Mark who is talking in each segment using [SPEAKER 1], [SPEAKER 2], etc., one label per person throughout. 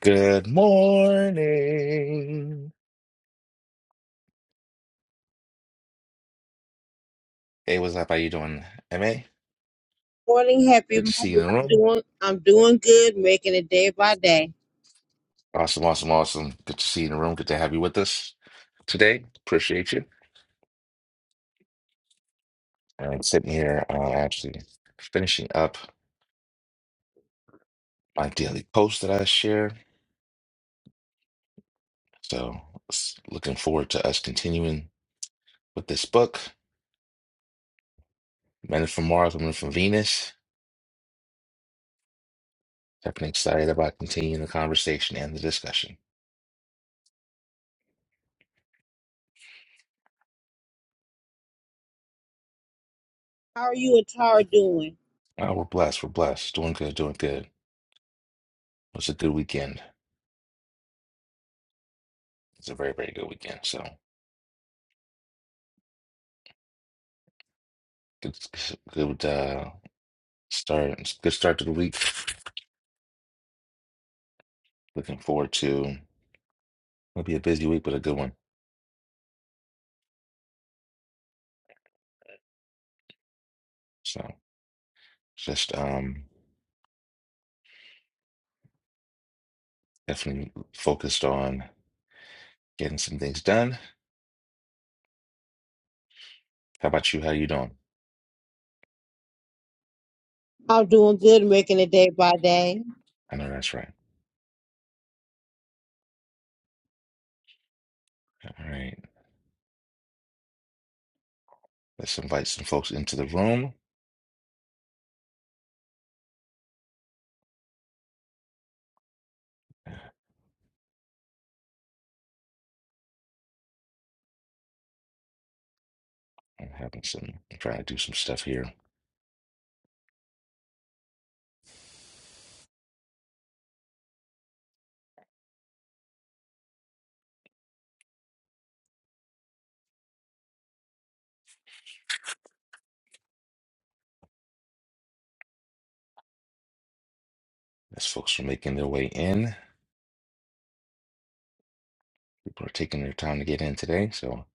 [SPEAKER 1] Good morning. Hey, what's up? How you doing, MA?
[SPEAKER 2] Morning, happy
[SPEAKER 1] Good to see you
[SPEAKER 2] Monday.
[SPEAKER 1] in the
[SPEAKER 2] I'm
[SPEAKER 1] room.
[SPEAKER 2] doing I'm doing good, making it day by day.
[SPEAKER 1] Awesome, awesome, awesome. Good to see you in the room. Good to have you with us today. Appreciate you. I'm sitting here uh, actually finishing up my daily post that I share. So s- looking forward to us continuing with this book, Men from Mars, Women from Venus. Definitely excited about continuing the conversation and the discussion.
[SPEAKER 2] How are you and Tara doing?
[SPEAKER 1] Oh, we're blessed. We're blessed. Doing good, doing good. It was a good weekend. It's a very, very good weekend. So good, good uh, start. Good start to the week. Looking forward to. It'll be a busy week, but a good one. So just um, definitely focused on getting some things done. How about you? How you doing?
[SPEAKER 2] I'm doing good, making it day by day.
[SPEAKER 1] I know that's right. All right. Let's invite some folks into the room. I'm having some. I'm trying to do some stuff here. As folks are making their way in, people are taking their time to get in today. So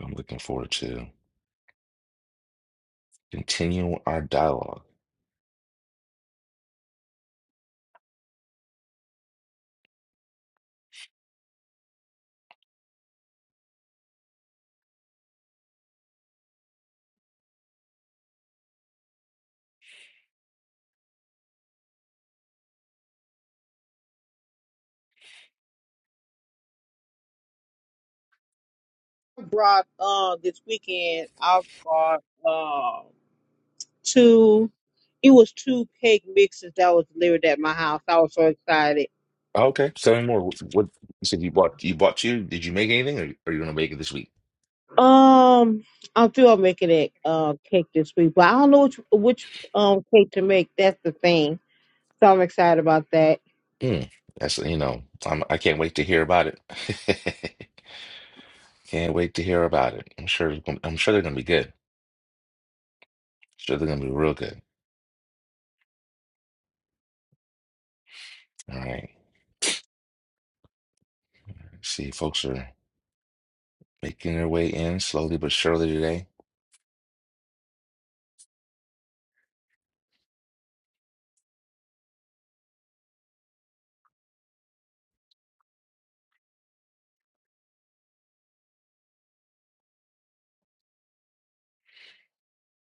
[SPEAKER 1] I'm looking forward to continue our dialogue.
[SPEAKER 2] I brought uh this weekend I brought uh two it was two cake mixes that was delivered at my house. I was so excited.
[SPEAKER 1] Oh, Okay, seven more. What what- you said you bought? You bought two. Did you make anything, or are you gonna make it this week?
[SPEAKER 2] Um I'm still making it uh cake this week, but I don't know which which um cake to make. That's the thing. So I'm excited about that.
[SPEAKER 1] Mm, that's you know, I'm I can't wait to hear about it. Can't wait to hear about it. I'm sure. it's gonna- I'm sure they're gonna be good. Sure they're gonna be real good. All right. See, folks are making their way in slowly but surely today.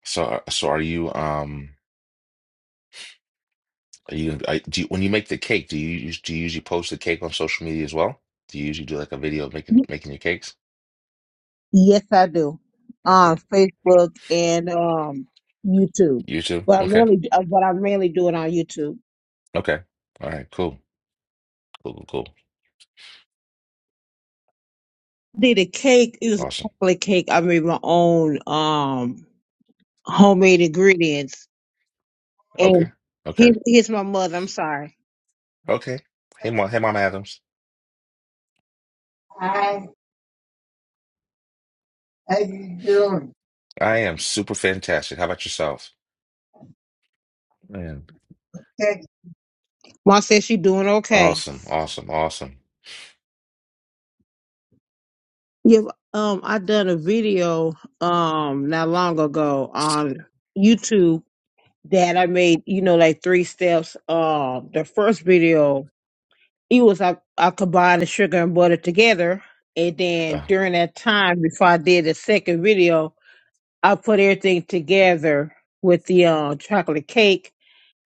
[SPEAKER 1] So, uh, so are you? Um, are you? I, do you, when you make the cake, do you us- do you usually post the cake on social media as well? Do you usually do like a video of making making your cakes?
[SPEAKER 2] Yes, I do.
[SPEAKER 1] Okay,
[SPEAKER 2] Um, Facebook and um, YouTube.
[SPEAKER 1] YouTube.
[SPEAKER 2] But I
[SPEAKER 1] Okay,
[SPEAKER 2] mainly, uh, but I mainly do it on YouTube.
[SPEAKER 1] okay. All right, cool. Cool, cool, cool.
[SPEAKER 2] Did a cake. It was a
[SPEAKER 1] Awesome.
[SPEAKER 2] chocolate cake. I made my own um homemade ingredients.
[SPEAKER 1] Okay.
[SPEAKER 2] And
[SPEAKER 1] Okay.
[SPEAKER 2] here's here's my mother. I'm sorry.
[SPEAKER 1] Okay. Hey, Mom. Hey, Mom Adams.
[SPEAKER 2] Hi. How you doing?
[SPEAKER 1] I am super fantastic. How about yourself? Man.
[SPEAKER 2] Good. Mom said she doing okay.
[SPEAKER 1] Awesome. Awesome. Awesome.
[SPEAKER 2] Yeah. Um, I done a video um not long ago on YouTube that I made, you know, like three steps. Um, the first video, it was I, I combined the sugar and butter together, and then
[SPEAKER 1] Uh,
[SPEAKER 2] during that time before I did the second video, I put everything together with the uh, chocolate cake,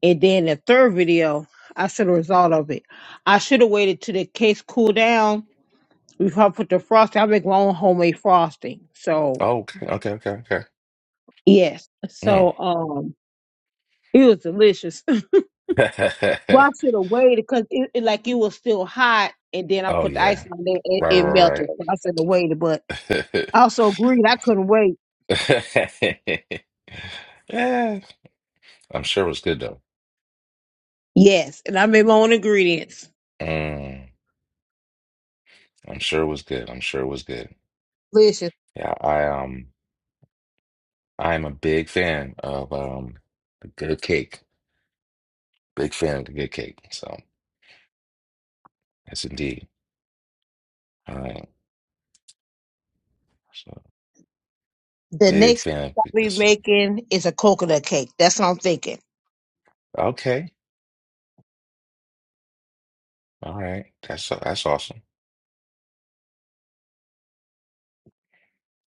[SPEAKER 2] and then the third video, I should have result of it. I should have waited till the cakes cool down before I put the frosting. I make my own homemade frosting, so
[SPEAKER 1] oh, okay. Okay. Okay.
[SPEAKER 2] yes,
[SPEAKER 1] Okay.
[SPEAKER 2] so um, it was delicious
[SPEAKER 1] Mm.
[SPEAKER 2] wash it away because it, it like it was still hot, and then I
[SPEAKER 1] oh,
[SPEAKER 2] put the
[SPEAKER 1] yeah.
[SPEAKER 2] ice on there, it,
[SPEAKER 1] Right,
[SPEAKER 2] it
[SPEAKER 1] right,
[SPEAKER 2] melted. So I said to wait, it, but
[SPEAKER 1] right.
[SPEAKER 2] I also agreed I couldn't wait.
[SPEAKER 1] right. yeah. I'm sure it was good, though.
[SPEAKER 2] Yes, and I made my own ingredients.
[SPEAKER 1] Mm. I'm sure it was good. I'm sure it was good.
[SPEAKER 2] Delicious.
[SPEAKER 1] Yeah. I, um, I'm a big fan of, um, the good cake. Big fan of the good cake. So, yes, indeed. All right. So
[SPEAKER 2] The
[SPEAKER 1] big
[SPEAKER 2] next
[SPEAKER 1] fan of
[SPEAKER 2] I'll be
[SPEAKER 1] Peterson.
[SPEAKER 2] making is a coconut cake. That's what I'm thinking.
[SPEAKER 1] Okay. All right. That's that's awesome.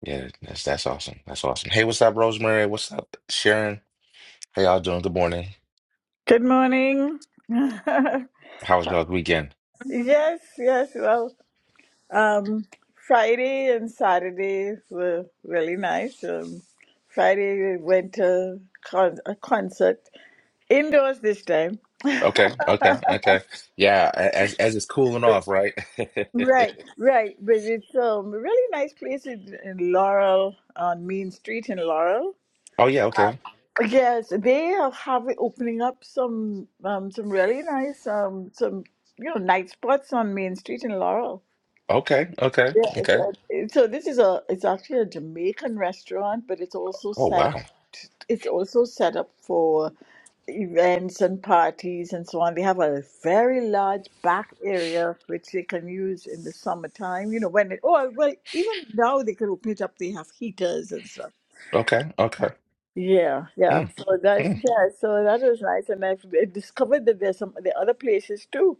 [SPEAKER 1] Yeah, that's that's awesome. That's awesome. Hey, what's up, Rosemary? What's up, Sharon? How y'all doing? Good morning.
[SPEAKER 3] Good morning. yes,
[SPEAKER 1] How was y'all's weekend?
[SPEAKER 3] yes. Well, um, Friday and Saturday were really nice. Um, Friday we went to con- a concert indoors this time.
[SPEAKER 1] Okay, okay, okay. Yeah, a- as as it's cooling off, right?
[SPEAKER 3] Right, right. But it's um, a really nice place in, in Laurel on Main Street in Laurel.
[SPEAKER 1] Oh yeah, okay.
[SPEAKER 3] Yes, they have have opening up some um, some really nice um, some you know night spots on Main Street in Laurel.
[SPEAKER 1] Okay, okay,
[SPEAKER 3] Yes,
[SPEAKER 1] okay.
[SPEAKER 3] and so this is a it's actually a Jamaican restaurant, but it's also
[SPEAKER 1] Oh
[SPEAKER 3] set
[SPEAKER 1] wow.
[SPEAKER 3] up it's also set up for events and parties and so on. They have a very large back area which they can use in the summertime, you know, when it oh well even now they can open it up, they have heaters and stuff.
[SPEAKER 1] Okay, okay.
[SPEAKER 3] Yeah, yeah.
[SPEAKER 1] Mm,
[SPEAKER 3] So that's
[SPEAKER 1] mm,
[SPEAKER 3] yeah, so that was nice and I've I discovered that there's some the other places too.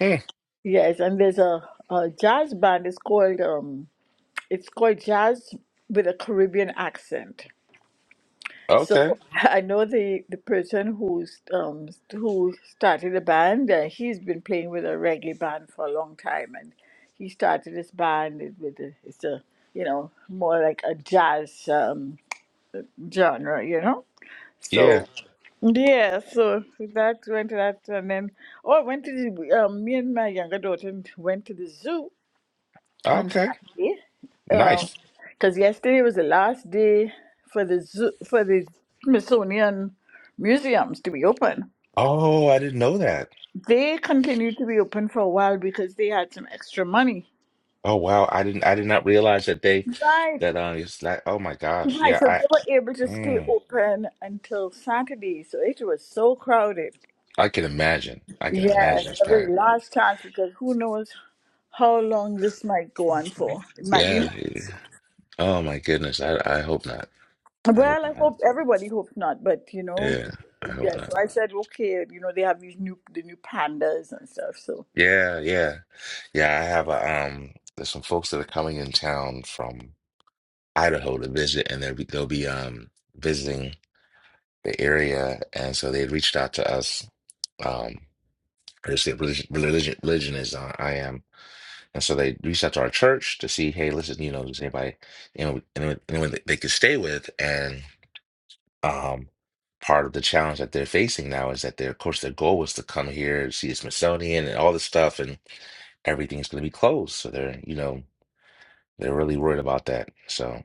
[SPEAKER 1] mm.
[SPEAKER 3] Yes, and there's a, a jazz band. It's called um It's called jazz with a Caribbean accent. So
[SPEAKER 1] Okay.
[SPEAKER 3] I know the the person who's um who started the band. Uh, he's been playing with a reggae band for a long time, and he started this band with a, it's a you know more like a jazz um, genre, you know.
[SPEAKER 1] Yeah.
[SPEAKER 3] So yeah, so that went to that, and then oh, I went to the um, me and my younger daughter went to the zoo on
[SPEAKER 1] Okay.
[SPEAKER 3] Saturday.
[SPEAKER 1] Nice.
[SPEAKER 3] Because yesterday was the last day for the zoo, for the Smithsonian museums to be open.
[SPEAKER 1] Oh, I didn't know that.
[SPEAKER 3] They continued to be open for a while because they had some extra money.
[SPEAKER 1] Oh wow, I didn't I did not realize that they
[SPEAKER 3] Right,
[SPEAKER 1] that uh it's like oh my gosh.
[SPEAKER 3] right.
[SPEAKER 1] Yeah,
[SPEAKER 3] So
[SPEAKER 1] I
[SPEAKER 3] they were able to stay
[SPEAKER 1] mm,
[SPEAKER 3] open until Saturday. So it was so crowded.
[SPEAKER 1] I can imagine. I can imagine
[SPEAKER 3] Yes,
[SPEAKER 1] it's
[SPEAKER 3] every
[SPEAKER 1] packed.
[SPEAKER 3] last chance because who knows how long this might go on for. It might be months.
[SPEAKER 1] Yeah. yeah. Oh my goodness. I I hope not. I
[SPEAKER 3] Well, I
[SPEAKER 1] hope
[SPEAKER 3] like,
[SPEAKER 1] not.
[SPEAKER 3] hope everybody hopes not, but you know,
[SPEAKER 1] Yeah. I
[SPEAKER 3] yeah.
[SPEAKER 1] hope not.
[SPEAKER 3] So I said, okay, you know, they have these new the new pandas and stuff. So,
[SPEAKER 1] Yeah, yeah. Yeah, I have a um there's some folks that are coming in town from Idaho to visit and they'll be they'll be um visiting the area and so they reached out to us um I just said religion, religion religion is on I am And so they reached out to our church to see, hey, listen, you know, does anybody, you know, anyone, anyone that they could stay with? And um, part of the challenge that they're facing now is that their, of course, their goal was to come here and see the Smithsonian and all this stuff, and everything's going to be closed. So they're, you know, they're really worried about that. So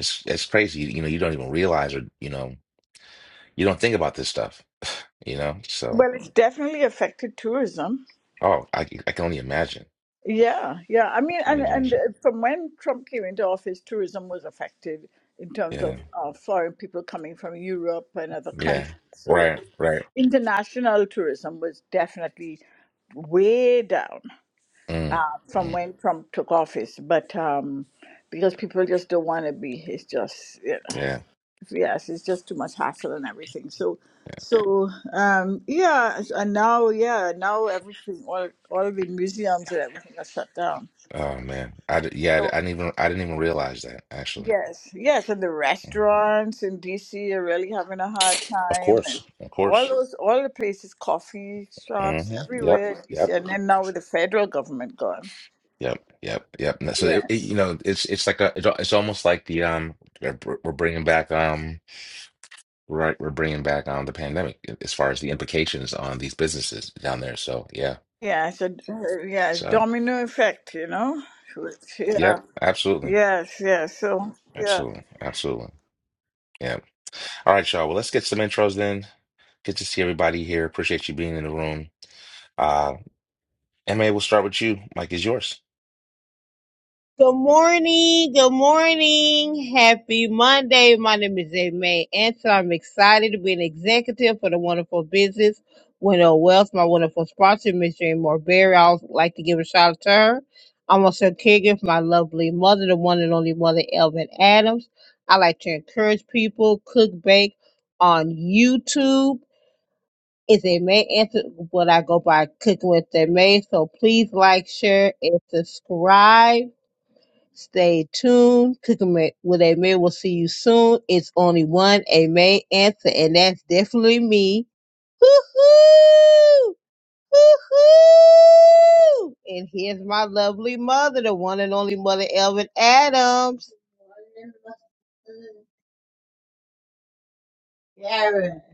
[SPEAKER 1] it's it's crazy. You, you know, you don't even realize or you know, you don't think about this stuff. You know, so
[SPEAKER 3] well, it's definitely affected tourism.
[SPEAKER 1] oh, I c- I can only imagine.
[SPEAKER 3] Yeah, yeah. I mean,
[SPEAKER 1] I can
[SPEAKER 3] and
[SPEAKER 1] only
[SPEAKER 3] and
[SPEAKER 1] imagine.
[SPEAKER 3] uh, from when Trump came into office, tourism was affected in terms of
[SPEAKER 1] Yeah,
[SPEAKER 3] uh, foreign people coming from Europe and other
[SPEAKER 1] yeah,
[SPEAKER 3] countries. So,
[SPEAKER 1] right, right.
[SPEAKER 3] international tourism was definitely way down
[SPEAKER 1] Mm,
[SPEAKER 3] uh, from
[SPEAKER 1] mm,
[SPEAKER 3] when Trump took office, but um, because people just don't want to be. It's just you know.
[SPEAKER 1] yeah.
[SPEAKER 3] yes, it's just too much hassle and everything. So, so um, yeah, and now yeah, now everything, all all the museums and everything are shut down.
[SPEAKER 1] Oh man, I d- yeah, I, d-
[SPEAKER 3] So
[SPEAKER 1] I didn't even I didn't even realize that actually.
[SPEAKER 3] yes, yes, and the
[SPEAKER 1] Mm.
[SPEAKER 3] restaurants in DC are really having a hard
[SPEAKER 1] Of
[SPEAKER 3] time, and
[SPEAKER 1] course, of
[SPEAKER 3] all
[SPEAKER 1] course.
[SPEAKER 3] those all the places, coffee shops
[SPEAKER 1] hmm Yep,
[SPEAKER 3] everywhere, in DC,
[SPEAKER 1] yep,
[SPEAKER 3] and then now with the federal government gone.
[SPEAKER 1] yep, yep, yep. And So it, it,
[SPEAKER 3] yes,
[SPEAKER 1] you know, it's it's like a it's, al- it's almost like the um we're we're bringing back um right we're bringing back um the pandemic as far as the implications on these businesses down there. So yeah,
[SPEAKER 3] yeah, so uh, yeah,
[SPEAKER 1] so
[SPEAKER 3] domino effect, you know. Which, yeah,
[SPEAKER 1] yep, absolutely,
[SPEAKER 3] yes, yes. So yeah.
[SPEAKER 1] absolutely, absolutely. Yeah. All right, y'all. Well, let's get some intros then. Good to see everybody here. Appreciate you being in the room. Uh, MA, we'll start with you. Mike is yours.
[SPEAKER 2] Good morning. Good morning. Happy Monday. My name is May Anson. I'm excited to be an executive for the wonderful business Window Wealth. My wonderful sponsor, Miss Jane Morberry. I would like to give a shout out to her. I'm also a caregiver for my lovely mother, the one and only mother, Elvin Adams. I like to encourage people, cook, bake on YouTube. It's a May Answer. what I go by cooking with May. So please like, share, and subscribe. Stay tuned. Cooking Ma- with Aimee. We'll see you soon. It's only one Aimee answer, and that's definitely me. Hoo-hoo! Hoo-hoo! And here's my lovely mother, the one and only mother, Elvin Adams.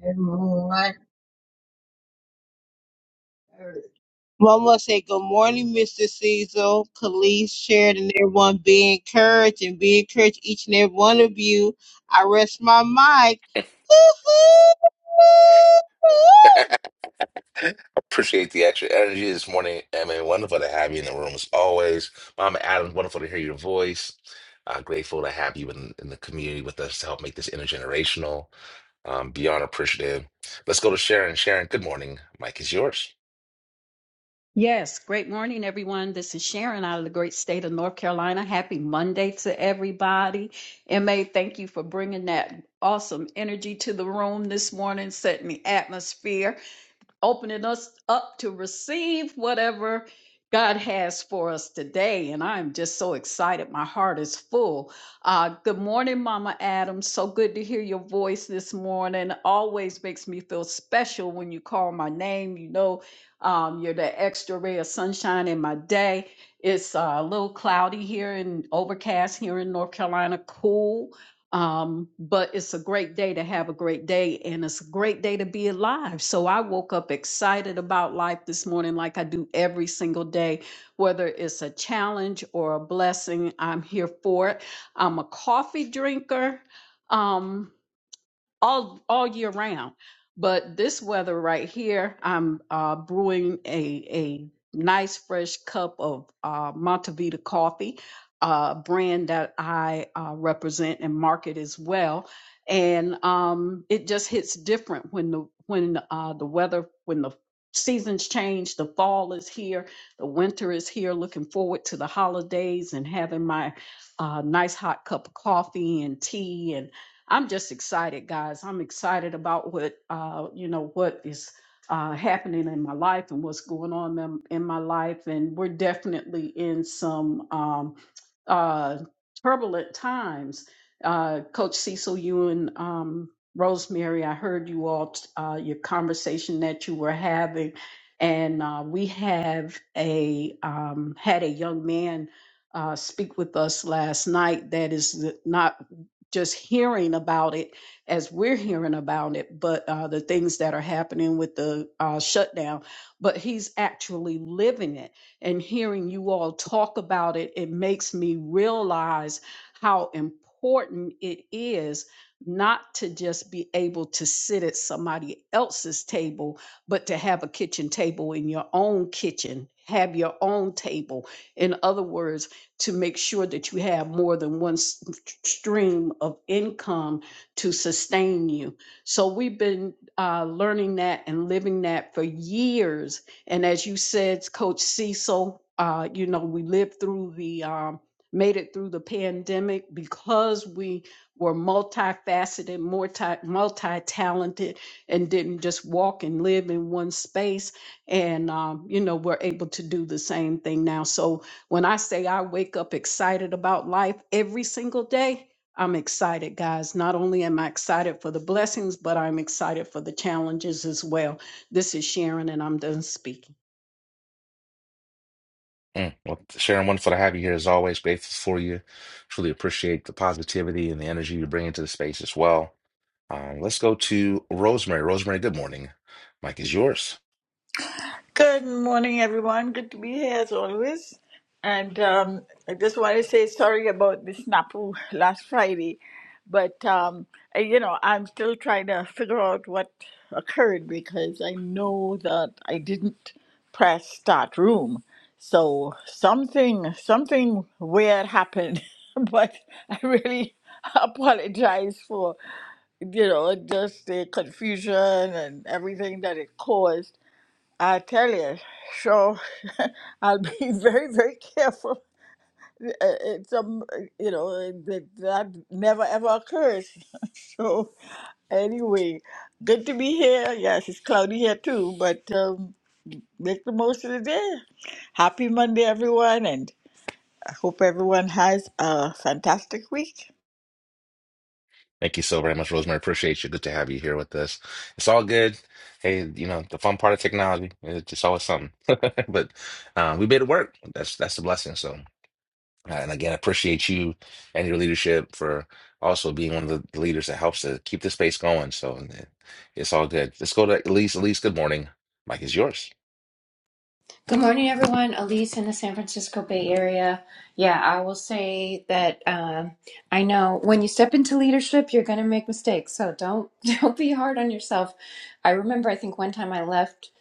[SPEAKER 2] everyone. One will say, Good morning, Mr. Cecil, Khalees, Sheridan, and everyone. Be encouraged and be encouraged, each and every one of you. I rest my mic.
[SPEAKER 1] Appreciate the extra energy this morning. I mean, wonderful to have you in the room as always. Mama Adams, wonderful to hear your voice. Uh, grateful to have you in, in the community with us to help make this intergenerational. Um, beyond appreciative. Let's go to Sharon. Sharon, good morning. Mike is yours.
[SPEAKER 4] Yes, great morning, everyone. This is Sharon out of the great state of North Carolina. Happy Monday to everybody. MA, thank you for bringing that awesome energy to the room this morning, setting the atmosphere. opening us up to receive whatever God has for us today. And I'm just so excited. My heart is full. Uh, good morning, Mama Adams. So good to hear your voice this morning. Always makes me feel special when you call my name. You know, um, you're the extra ray of sunshine in my day. It's uh, a little cloudy here and overcast here in North Carolina. Cool um, but it's a great day to have a great day, and it's a great day to be alive. So I woke up excited about life this morning, like I do every single day, whether it's a challenge or a blessing. I'm here for it. I'm a coffee drinker. Um, all all year round. But this weather right here, I'm uh, brewing a a nice fresh cup of uh, Montevita coffee, uh, brand that I uh, represent and market as well. And um, it just hits different when the when uh, the weather when the seasons change. The fall is here, the winter is here. Looking forward to the holidays and having my uh, nice hot cup of coffee and tea and I'm just excited, guys. I'm excited about what uh, you know what is uh, happening in my life and what's going on in, in my life, and we're definitely in some um, uh, turbulent times. Uh, Coach Cecil, you and um, Rosemary, I heard you all t- uh, your conversation that you were having, and uh, we have a um, had a young man uh, speak with us last night that is not just hearing about it as we're hearing about it, but uh, the things that are happening with the uh, shutdown, but he's actually living it. And hearing you all talk about it, it makes me realize how important it is not to just be able to sit at somebody else's table, but to have a kitchen table in your own kitchen, have your own table. In other words, to make sure that you have more than one s- stream of income to sustain you. So we've been uh, learning that and living that for years. And as you said, Coach Cecil, uh, you know, we lived through the, um, made it through the pandemic because we were multifaceted, multi, multi-talented, and didn't just walk and live in one space. And, um, you know, we're able to do the same thing now. So when I say I wake up excited about life every single day, I'm excited, guys. Not only am I excited for the blessings, but I'm excited for the challenges as well. This is Sharon, and I'm done speaking.
[SPEAKER 1] Mm, Well, Sharon, wonderful to have you here as always. Grateful for you. Truly appreciate the positivity and the energy you bring into the space as well. Um, let's go to Rosemary. Rosemary, good morning. Mike is yours.
[SPEAKER 3] Good morning, everyone. Good to be here as always. And um, I just want to say sorry about the snafu last Friday, but um, I- you know I'm still trying to figure out what occurred because I know that I didn't press start room, so something something weird happened. but I really apologize for you know just the confusion and everything that it caused I tell you, so I'll be very, very careful. Uh, It's um, you know, uh, that, that never ever occurs. So anyway, good to be here. Yes, it's cloudy here too, but um, make the most of the day. Happy Monday, everyone, and I hope everyone has a fantastic week.
[SPEAKER 1] Thank you so very much, Rosemary. Appreciate you. Good to have you here with us. It's all good. Hey, you know, the fun part of technology, it's just always something. But um, we made it work. That's that's the blessing. So, uh, and again, I appreciate you and your leadership for also being one of the leaders that helps to keep the space going. So and it- it's all good. Let's go to Elise. Elise, good morning. Mike is yours.
[SPEAKER 5] Good morning, everyone. Elise in the San Francisco Bay Area. Yeah, I will say that um, I know when you step into leadership, you're going to make mistakes. So don't don't be hard on yourself. I remember, I think one time I left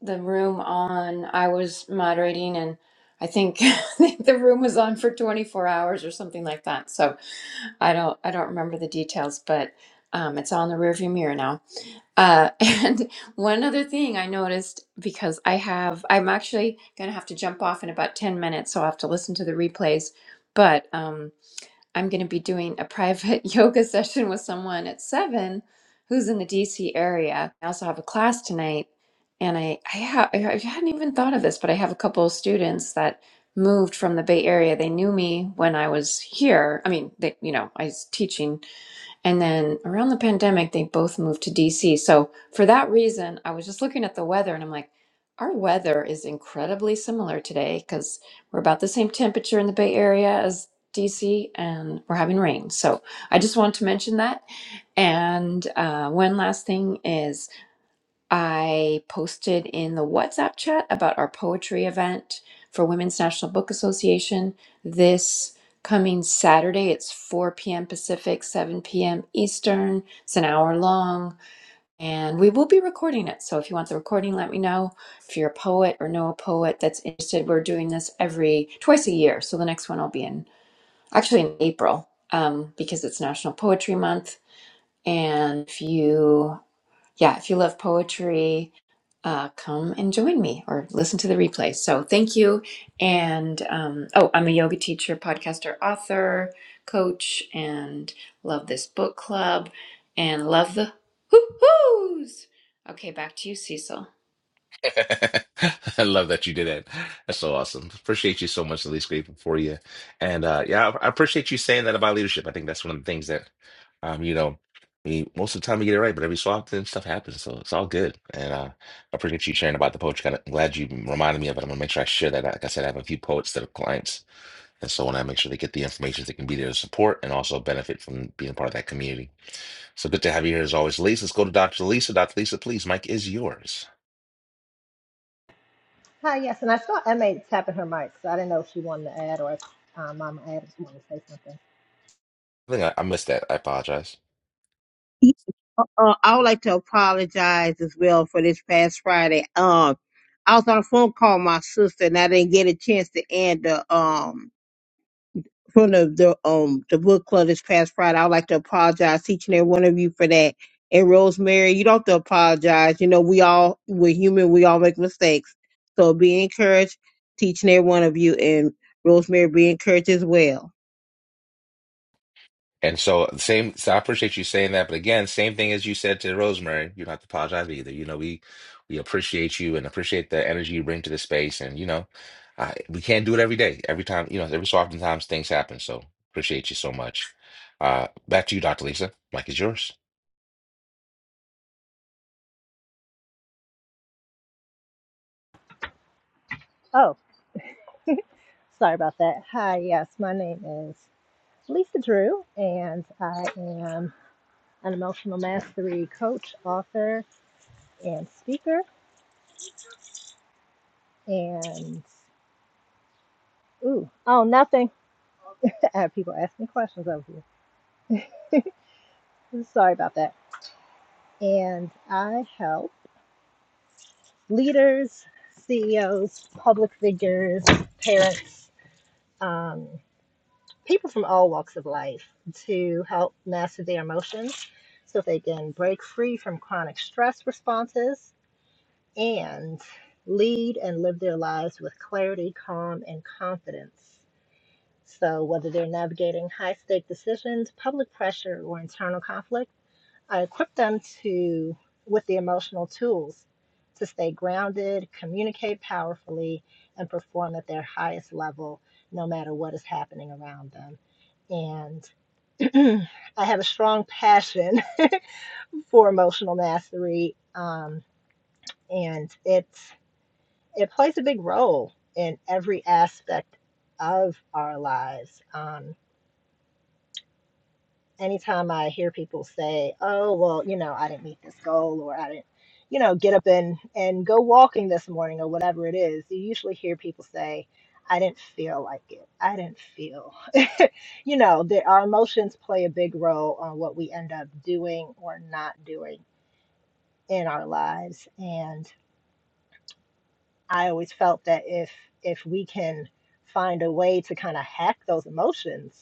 [SPEAKER 5] the room on. I was moderating, and I think, I think the room was on for 24 hours or something like that. So I don't I don't remember the details, but um, it's all in the rearview mirror now. Uh, and one other thing I noticed because I have, I'm actually going to have to jump off in about 10 minutes, so I'll have to listen to the replays. But um, I'm going to be doing a private yoga session with someone at seven who's in the DC area. I also have a class tonight, and I, I, ha- I I hadn't even thought of this, but I have a couple of students that moved from the Bay Area. They knew me when I was here. I mean, they, you know, I was teaching and then around the pandemic, they both moved to DC. So for that reason, I was just looking at the weather and I'm like, our weather is incredibly similar today because we're about the same temperature in the Bay Area as DC and we're having rain. So I just wanted to mention that. And uh, one last thing is I posted in the WhatsApp chat about our poetry event for Women's National Book Association this coming Saturday. It's 4 p.m. Pacific, 7 p.m. Eastern. It's an hour long, and we will be recording it. So if you want the recording, let me know. If you're a poet or know a poet that's interested, we're doing this every twice a year. So the next one will be in actually in April um, because it's National Poetry Month. And if you yeah, if you love poetry, uh, come and join me or listen to the replay. So thank you. And um, oh, I'm a yoga teacher, podcaster, author, coach, and love this book club and love the hoo hoos. Okay, back to you, Cecil.
[SPEAKER 1] I love that you did it. That's so awesome. Appreciate you so much, Elise. Grateful for you. And uh, yeah, I I appreciate you saying that about leadership. I think that's one of the things that, um, you know, we, most of the time we get it right, but every so often stuff happens. So it's all good. And uh, I appreciate you sharing about the poetry. Kind of glad you reminded me of it. I'm going to make sure I share that. Like I said, I have a few poets that are clients. And so when I make sure they get the information, they can be there to support and also benefit from being a part of that community. So good to have you here as always. Lisa, let's go to Dr. Lisa. Dr. Lisa, please, Mike is yours.
[SPEAKER 6] Hi, yes, and I saw Emma tapping her mic, so I didn't know if she wanted to add or if um, Mama Adams wanted to say something.
[SPEAKER 1] I think I, I missed that. I apologize.
[SPEAKER 2] Uh, I would like to apologize as well for this past Friday. Um, I was on a phone call with my sister and I didn't get a chance to end the um from the, the um the book club this past Friday. I would like to apologize to each and every one of you for that. And Rosemary, you don't have to apologize. You know, we all we're human, we all make mistakes. So be encouraged to each and every one of you and Rosemary be encouraged as well.
[SPEAKER 1] And so, same. So I appreciate you saying that. But again, same thing as you said to Rosemary. You don't have to apologize either. You know, we we appreciate you and appreciate the energy you bring to the space. And you know, I, we can't do it every day, every time. You know, every so often times things happen. So appreciate you so much. Uh, back to you, Dr. Lisa. Mike is yours.
[SPEAKER 6] Oh, sorry about that. Hi, yes, my name is Lisa Drew, and I am an emotional mastery coach, author, and speaker. And, ooh, oh, nothing. Uh, People ask me questions over here. Sorry about that. And I help leaders, CEOs, public figures, parents. Um, people from all walks of life to help master their emotions so they can break free from chronic stress responses and lead and live their lives with clarity, calm, and confidence. So, whether they're navigating high stake decisions, public pressure, or internal conflict, I equip them to with the emotional tools to stay grounded, communicate powerfully, and perform at their highest level no matter what is happening around them. and. I have a strong passion for emotional mastery, um, and it's it plays a big role in every aspect of our lives. Um, anytime I hear people say, "Oh, well, you know, I didn't meet this goal or I didn't, you know, get up and and go walking this morning or whatever it is," you usually hear people say, "I didn't feel like it. I didn't feel." you know, that our emotions play a big role on what we end up doing or not doing in our lives, and I always felt that if if we can find a way to kind of hack those emotions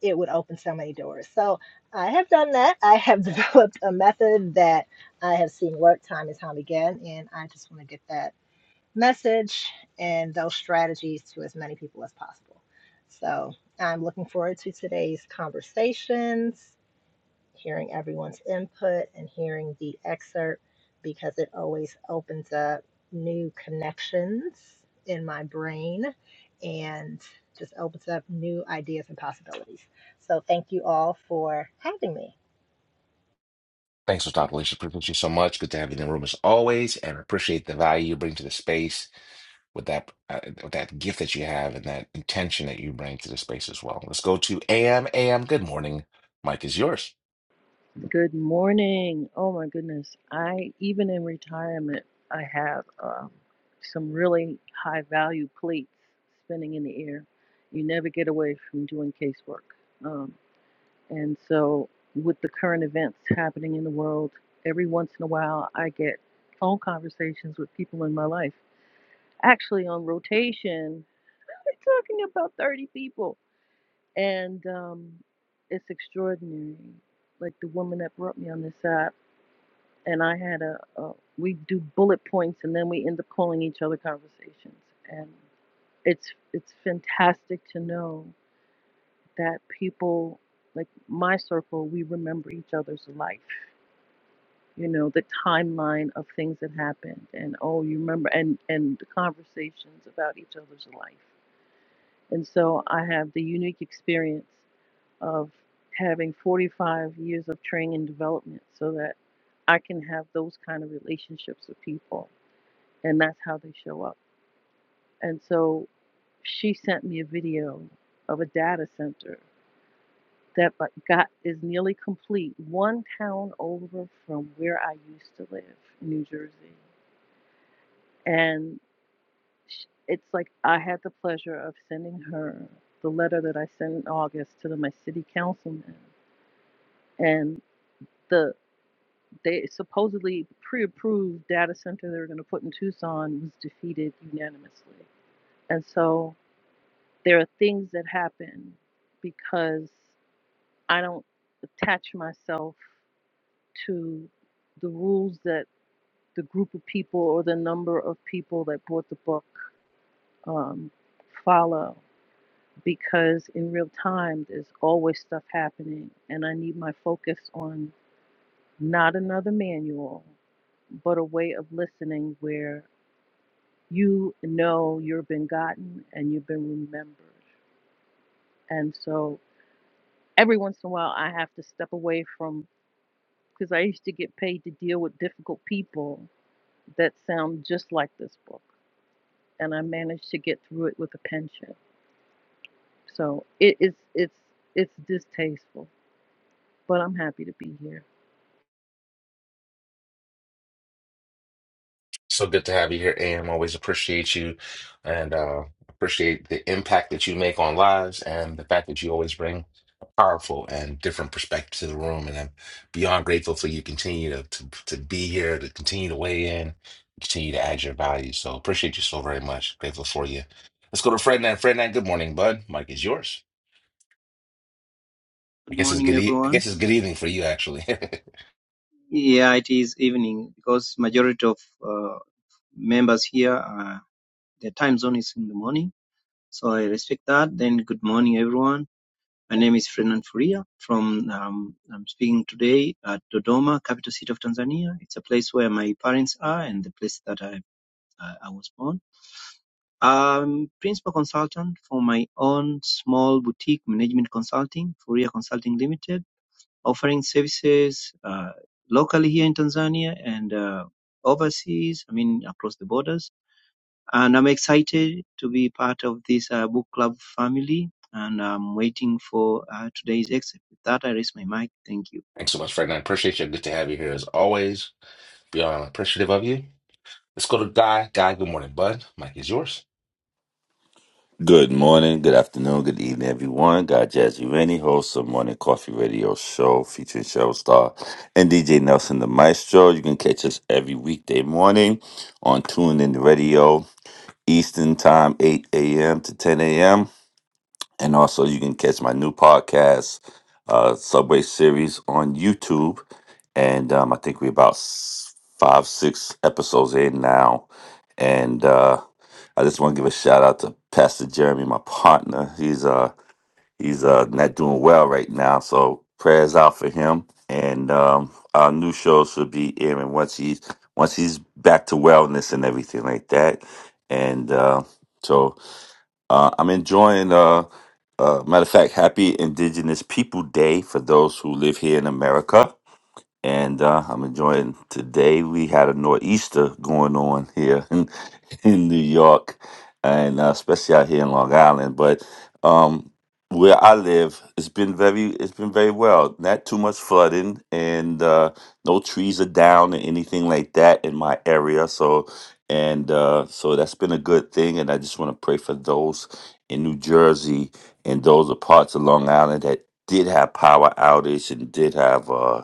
[SPEAKER 6] it would open so many doors. So I have done that. I have developed a method that I have seen work time and time again, and I just want to get that message and those strategies to as many people as possible. So I'm looking forward to today's conversations hearing everyone's input and hearing the excerpt because it always opens up new connections in my brain and just opens up new ideas and possibilities. So thank you all for having me.
[SPEAKER 1] Thanks, Dr. Lisa. Appreciate you so much. Good to have you in the room as always, and appreciate the value you bring to the space with that uh, with that gift that you have and that intention that you bring to the space as well. Let's go to AM. AM, good morning. Mike is yours.
[SPEAKER 7] Good morning. Oh my goodness. I, even in retirement, I have um, some really high value plates spinning in the air. You never get away from doing casework. Um, and so, with the current events happening in the world, every once in a while I get phone conversations with people in my life. Actually, on rotation, we're talking about 30 people. And um, it's extraordinary. Like the woman that brought me on this app and I had a, a we do bullet points and then we end up calling each other conversations and it's it's fantastic to know that people like my circle we remember each other's life you know the timeline of things that happened and oh you remember and and the conversations about each other's life and so I have the unique experience of having 45 years of training and development so that I can have those kind of relationships with people and that's how they show up. And so she sent me a video of a data center that like got is nearly complete, one town over from where I used to live, in New Jersey. And it's like I had the pleasure of sending her the letter that I sent in August to the, my city councilman, and the they supposedly pre-approved data center they were going to put in Tucson was defeated unanimously. And so There are things that happen because I don't attach myself to the rules that the group of people or the number of people that bought the book um, follow because in real time there's always stuff happening and I need my focus on not another manual but a way of listening where you know you have been gotten and you've been remembered. And so every once in a while I have to step away from because I used to get paid to deal with difficult people that sound just like this book, and I managed to get through it with a pension. So it is it's it's distasteful, but I'm happy to be here.
[SPEAKER 1] So good to have you here, AM. Always appreciate you and uh, appreciate the impact that you make on lives and the fact that you always bring a powerful and different perspective to the room. And I'm beyond grateful for you continue to, to, to be here, to continue to weigh in, continue to add your value. So appreciate you so very much. Grateful for you. Let's go to Fred Nan. Fred Nan, good morning, bud. Mike is yours. I
[SPEAKER 8] Good
[SPEAKER 1] guess it's
[SPEAKER 8] morning,
[SPEAKER 1] good. E I
[SPEAKER 8] everyone.
[SPEAKER 1] guess it's good evening for you, actually.
[SPEAKER 8] Yeah, it is evening because majority of uh, members here are their time zone is in the morning, so I respect that. Then good morning, everyone. My name is Fernand Furia from um, I'm speaking today at Dodoma, capital city of Tanzania. It's a place where my parents are and the place that I I I was born. I'm principal consultant for my own small boutique management consulting, Furia Consulting Limited offering services uh, locally here in Tanzania and uh, overseas, I mean, across the borders. And I'm excited to be part of this uh, book club family. And I'm waiting for uh, today's exit. With that, I raise my mic. Thank you.
[SPEAKER 1] Thanks so much, friend. I appreciate you. Good to have you here as always. Beyond appreciative of you. Let's go to Guy. Guy, good morning, bud. Mike is yours.
[SPEAKER 9] Good morning, good afternoon, good evening, everyone. God Jazzy Rennie, host of Morning Coffee Radio Show featuring Cheryl Star and DJ Nelson the Maestro. You can catch us every weekday morning on TuneIn Radio, Eastern Time, 8 a.m. to 10 a.m. And also, you can catch my new podcast, uh, Subway Series, on YouTube. And um, I think we're about s- five, six episodes in now. And uh, I just want to give a shout out to Pastor Jeremy, my partner. He's uh, he's uh, not doing well right now, so prayers out for him. And um, our new show should be airing once he's once he's back to wellness and everything like that. And uh, so. Uh, I'm enjoying. Uh, uh, matter of fact, Happy Indigenous People Day for those who live here in America, and uh, I'm enjoying today. We had a nor'easter going on here in New York, and uh, especially out here in Long Island. But um, where I live, it's been very it's been very well. Not too much flooding, and uh, no trees are down or anything like that in my area. So and uh, so that's been a good thing. And I just want to pray for those in New Jersey and those are parts of Long Island that did have power outage and did have uh,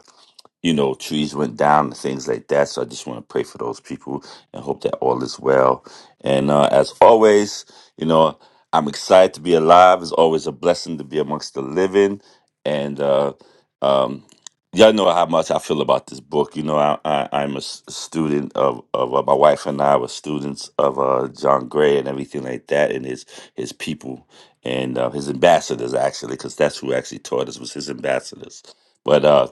[SPEAKER 9] you know, trees went down and things like that. So I just want to pray for those people and hope that all is well. And uh, as always, you know, I'm excited to be alive. It's always a blessing to be amongst the living. And uh, um, y'all know how much I feel about this book. You know, I, I, I'm a s- student of, of uh, my wife and I were students of uh, John Gray and everything like that, and his his people and uh, his ambassadors actually, because that's who actually taught us was his ambassadors. But uh,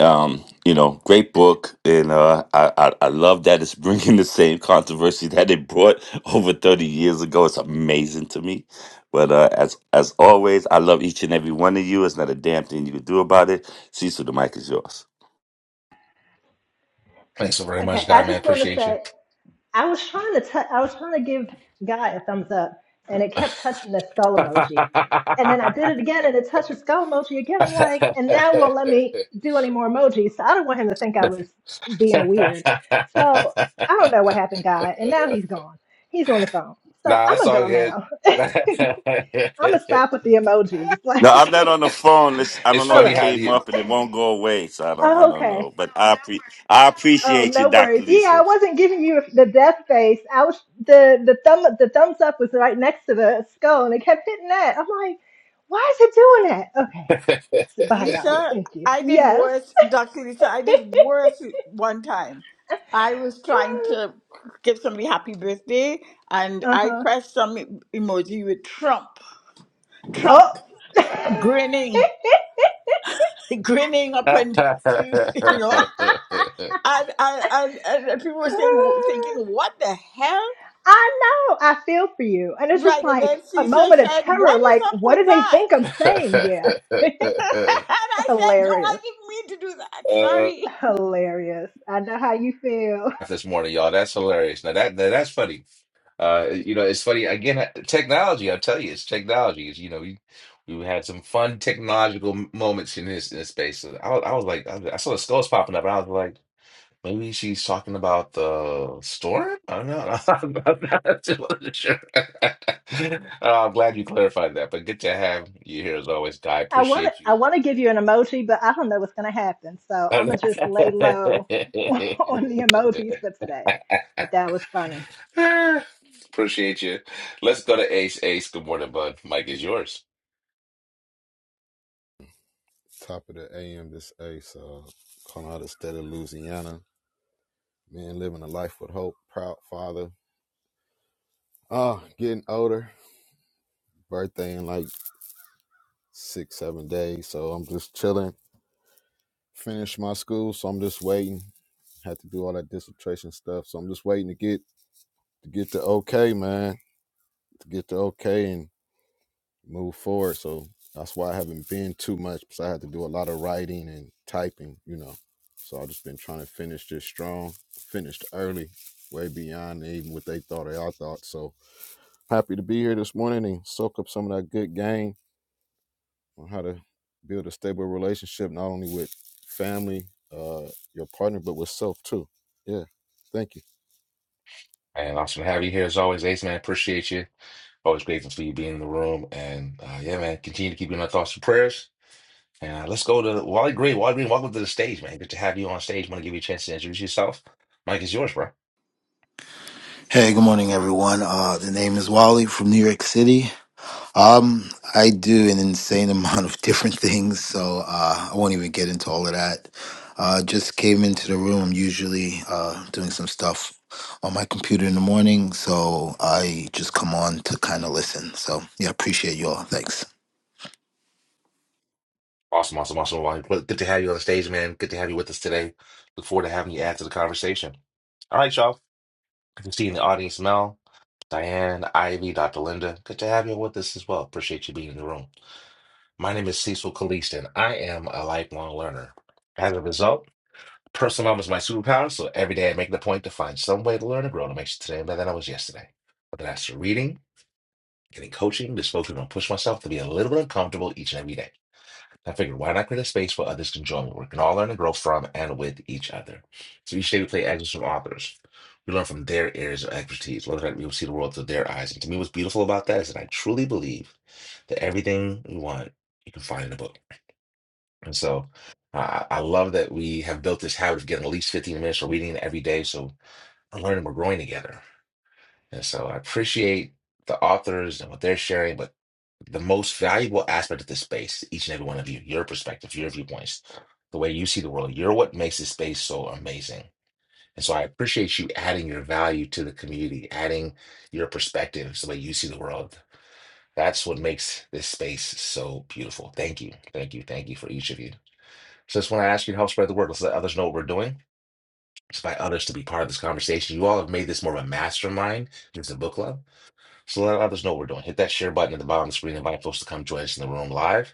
[SPEAKER 9] um, you know, great book, and uh, I, I I love that it's bringing the same controversy that it brought over thirty years ago. It's amazing to me. But uh, as as always, I love each and every one of you. It's not a damn thing you can do about it. Cecil, the mic is yours.
[SPEAKER 1] Thanks so very
[SPEAKER 6] Okay,
[SPEAKER 1] much,
[SPEAKER 6] I
[SPEAKER 1] Guy, man.
[SPEAKER 6] just want to
[SPEAKER 1] Appreciate you.
[SPEAKER 6] say I was trying to t- I was trying to give Guy a thumbs up, and it kept touching the skull
[SPEAKER 1] nah,
[SPEAKER 6] emoji. And then I did it again, and it touched the skull emoji again. I'm like, and now it won't let me do any more emojis. So I don't want him to think I was being weird. So I don't know what happened, Guy. And now he's gone. He's on the phone. So
[SPEAKER 1] it's
[SPEAKER 6] I'm gonna
[SPEAKER 1] all
[SPEAKER 6] go
[SPEAKER 1] good.
[SPEAKER 6] now. I'm gonna stop with the emojis.
[SPEAKER 9] No, I'm
[SPEAKER 6] Like,
[SPEAKER 9] not on the phone. This I
[SPEAKER 1] it's
[SPEAKER 9] don't
[SPEAKER 6] all
[SPEAKER 9] know.
[SPEAKER 1] funny
[SPEAKER 9] It
[SPEAKER 6] right,
[SPEAKER 1] how
[SPEAKER 9] came
[SPEAKER 1] the
[SPEAKER 9] up and it won't go away, so I don't I
[SPEAKER 6] oh,
[SPEAKER 9] don't
[SPEAKER 6] okay.
[SPEAKER 9] know. But I appre- I
[SPEAKER 6] Oh,
[SPEAKER 9] appreciate you,
[SPEAKER 6] no
[SPEAKER 9] Doctor
[SPEAKER 6] worries. Yeah, I
[SPEAKER 9] Lisa.
[SPEAKER 6] wasn't giving you the death face. I was the the thumb the thumbs up was right next to the skull, and it kept hitting that. I'm like, why is it doing that? Okay, so bye
[SPEAKER 3] Lisa,
[SPEAKER 6] y'all. Thank you.
[SPEAKER 3] I did
[SPEAKER 6] Yes.
[SPEAKER 3] worse, Dr. Lisa, I did worse one time. I was trying to give somebody happy birthday and
[SPEAKER 6] Uh
[SPEAKER 3] I
[SPEAKER 6] huh.
[SPEAKER 3] pressed some e- emoji with Trump.
[SPEAKER 6] Oh.
[SPEAKER 3] Trump grinning, grinning up and, you know, and, and, and, and people were saying, thinking, what the hell?
[SPEAKER 6] I know. I feel for you, and it's
[SPEAKER 3] Right,
[SPEAKER 6] just
[SPEAKER 3] and then
[SPEAKER 6] like a
[SPEAKER 3] Cecil
[SPEAKER 6] moment of
[SPEAKER 3] said,
[SPEAKER 6] terror.
[SPEAKER 3] what is
[SPEAKER 6] Like,
[SPEAKER 3] up
[SPEAKER 6] what
[SPEAKER 3] with
[SPEAKER 6] do they
[SPEAKER 3] that?
[SPEAKER 6] think I'm saying? Yeah,
[SPEAKER 3] and I said, no, I
[SPEAKER 6] hilarious,
[SPEAKER 3] didn't mean to do that.
[SPEAKER 1] Uh,
[SPEAKER 3] Sorry.
[SPEAKER 6] hilarious. I know how you feel.
[SPEAKER 1] this morning, y'all. That's hilarious. Now that, that that's funny. Uh, you know, it's funny again. Technology, I tell you, it's technology. It's, you know, we we had some fun technological m- moments in this in this space. So I, was- I was like, I, I saw the skulls popping up, and I was like, maybe she's talking about the storm. I don't know. I'm not too sure. Uh, I'm glad you clarified that. But good to have you here as always, Guy.
[SPEAKER 6] I want to
[SPEAKER 1] Appreciate
[SPEAKER 6] I
[SPEAKER 1] you.
[SPEAKER 6] want to give you an emoji, but I don't know what's going to happen. So I'm gonna just lay low on the emojis for today. But that was funny.
[SPEAKER 1] Ah, Appreciate you. Let's go to Ace. Ace, good morning, bud. Mike is yours.
[SPEAKER 10] top of the AM this ace, uh, calling out of the state of Louisiana. Man, living a life with hope, proud father. Uh, getting older, birthday in like six, seven days. So I'm just chilling. Finished my school, so I'm just waiting. Had to do all that dissertation stuff. So I'm just waiting to get to get the okay, man. To get the okay. and. move forward. So that's why I haven't been too much because I had to do a lot of writing and typing, you know. So I've just been trying to finish this strong, finished early, way beyond even what they thought or I thought. So happy to be here this morning and soak up some of that good game on how to build a stable relationship, not only with family, uh, your partner, but with self too. Yeah. Thank you.
[SPEAKER 1] And awesome to have you here as always, Ace, man. Appreciate you. Always grateful for you being in the room. And uh, yeah, man, continue to keep you in my thoughts and prayers. And uh, let's go to Wally Green. Wally Green, welcome to the stage, man. Good to have you on stage. want to give you a chance to introduce yourself. Mike is yours, bro.
[SPEAKER 11] Hey, good morning, everyone. Uh, the name is Wally from New York City. Um, I do an insane amount of different things, so uh, I won't even get into all of that. Uh, just came into the room, usually uh, doing some stuff on my computer in the morning, so I just come on to kind of listen. So, yeah, appreciate you all. Thanks.
[SPEAKER 1] Awesome, awesome, awesome. Wally. Well, Good to have you on the stage, man. Good to have you with us today. Look forward to having you add to the conversation. All right, y'all. I can see in the audience, Mel. Diane, Ivy, Dr. Linda, good to have you with us as well. Appreciate you being in the room. My name is Cecil Kalist, and I am a lifelong learner. As a result, personal development is my superpower, so every day I make the point to find some way to learn and grow to make sure today better than I was yesterday. Whether that's through reading, getting coaching, just focusing on push myself to be a little bit uncomfortable each and every day. I figured, why not create a space where others can join? me, We can all learn and grow from and with each other. So each day we play excerpts from authors. We learn from their areas of expertise, whether or not we see the world through their eyes. And to me, what's beautiful about that is that I truly believe that everything we want, you can find in a book. And so uh, I love that we have built this habit of getting at least 15 minutes of reading every day. So we're learning, we're growing together. And so I appreciate the authors and what they're sharing, but the most valuable aspect of this space, each and every one of you, your perspective, your viewpoints, the way you see the world. You're what makes this space so amazing. And so I appreciate you adding your value to the community, adding your perspectives, the way you see the world. That's what makes this space so beautiful. Thank you. Thank you. Thank you for each of you. So I just want to ask you to help spread the word. Let's let others know what we're doing. Let's invite others to be part of this conversation. You all have made this more of a mastermind, just a book club. So let others know what we're doing. Hit that share button at the bottom of the screen. Invite folks to come join us in the room live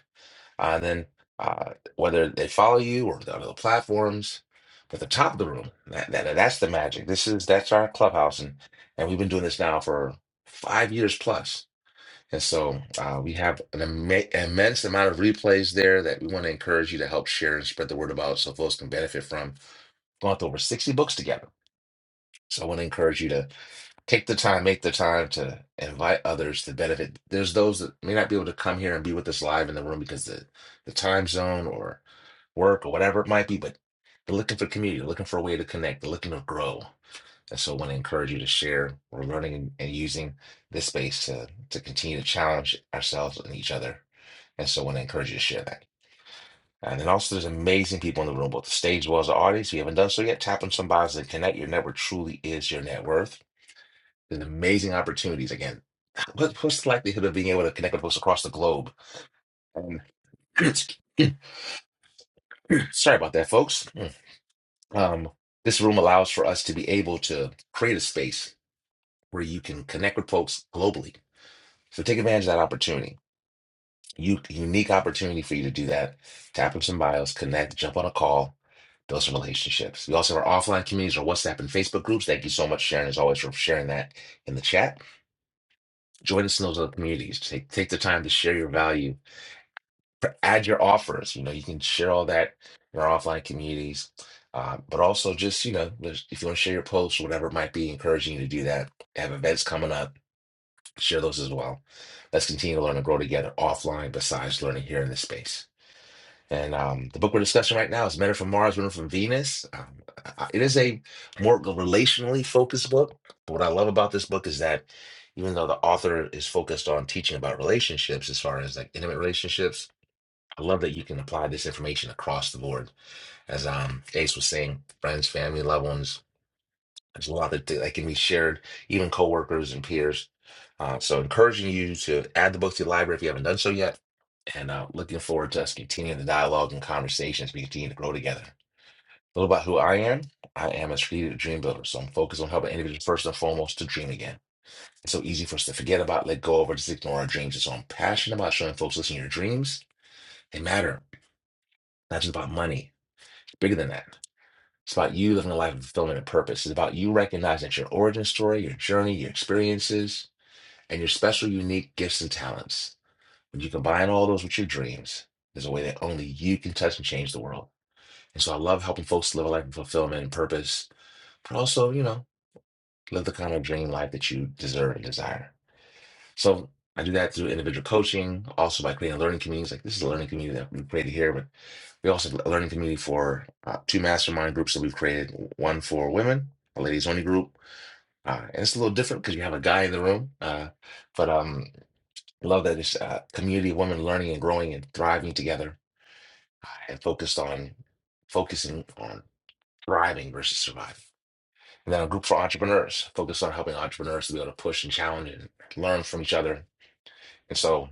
[SPEAKER 1] and then uh, whether they follow you or the other platforms, but the top of the room, that, that that's the magic. This is that's our clubhouse, and and we've been doing this now for five years plus. And so uh, we have an imme- immense amount of replays there that we want to encourage you to help share and spread the word about, so folks can benefit from. Gone through over sixty books together, so I want to encourage you to Take the time, make the time to invite others to benefit. There's those that may not be able to come here and be with us live in the room because the, the time zone or work or whatever it might be, but they're looking for community, they're looking for a way to connect, they're looking to grow. And so I want to encourage you to share. We're learning and and using this space to, to continue to challenge ourselves and each other. And so I want to encourage you to share that. And then also, there's amazing people in the room, both the stage as well as the audience. If you haven't done so yet, tap on some bios and connect. Your network truly is your net worth. There's amazing opportunities. Again, what, what's the likelihood of being able to connect with folks across the globe? And sorry about that, folks. Um, this room allows for us to be able to create a space where you can connect with folks globally. So take advantage of that opportunity. You, unique opportunity for you to do that. Tap into some bios, connect, jump on a call, build some relationships. We also have our offline communities, our WhatsApp and Facebook groups. Thank you so much, Sharon, as always, for sharing that in the chat. Join us in those other communities. Take, take the time to share your value add your offers. You know, you can share all that in our offline communities, uh, but also just you know, just if you want to share your posts, whatever it might be, encouraging you to do that. They have events coming up, share those as well. Let's continue to learn and grow together offline, besides learning here in this space. And um, the book we're discussing right now is Men Are from Mars, Women Are from Venus. Um, I- it is a more relationally focused book. But what I love about this book is that even though the author is focused on teaching about relationships, as far as like intimate relationships I love that you can apply this information across the board. As um, Ace was saying, friends, family, loved ones. There's a lot that, that can be shared, even coworkers and peers. Uh, so, encouraging you to add the book to your library if you haven't done so yet. And uh, looking forward to us continuing the dialogue and conversations we continue to grow together. A little about who I am. I am a strategic dream builder, so I'm focused on helping individuals first and foremost to dream again. It's so easy for us to forget about, let go of, or just ignore our dreams. And so I'm passionate about showing folks, listen, your dreams, they matter. Not just about money. bigger than that. It's about you living a life of fulfillment and purpose. It's about you recognizing that your origin story, your journey, your experiences, and your special, unique gifts and talents. When you combine all those with your dreams, there's a way that only you can touch and change the world. And so I love helping folks live a life of fulfillment and purpose, but also, you know, live the kind of dream life that you deserve and desire. So I do that through individual coaching, also by creating learning communities. Like this is a learning community that we created here, but we also have a learning community for uh, two mastermind groups that we've created. One for women, a ladies only group, uh, and it's a little different because you have a guy in the room. Uh, but um, I love that it's a community of women learning and growing and thriving together, and focused on focusing on thriving versus surviving. And then a group for entrepreneurs, focused on helping entrepreneurs to be able to push and challenge and learn from each other. And so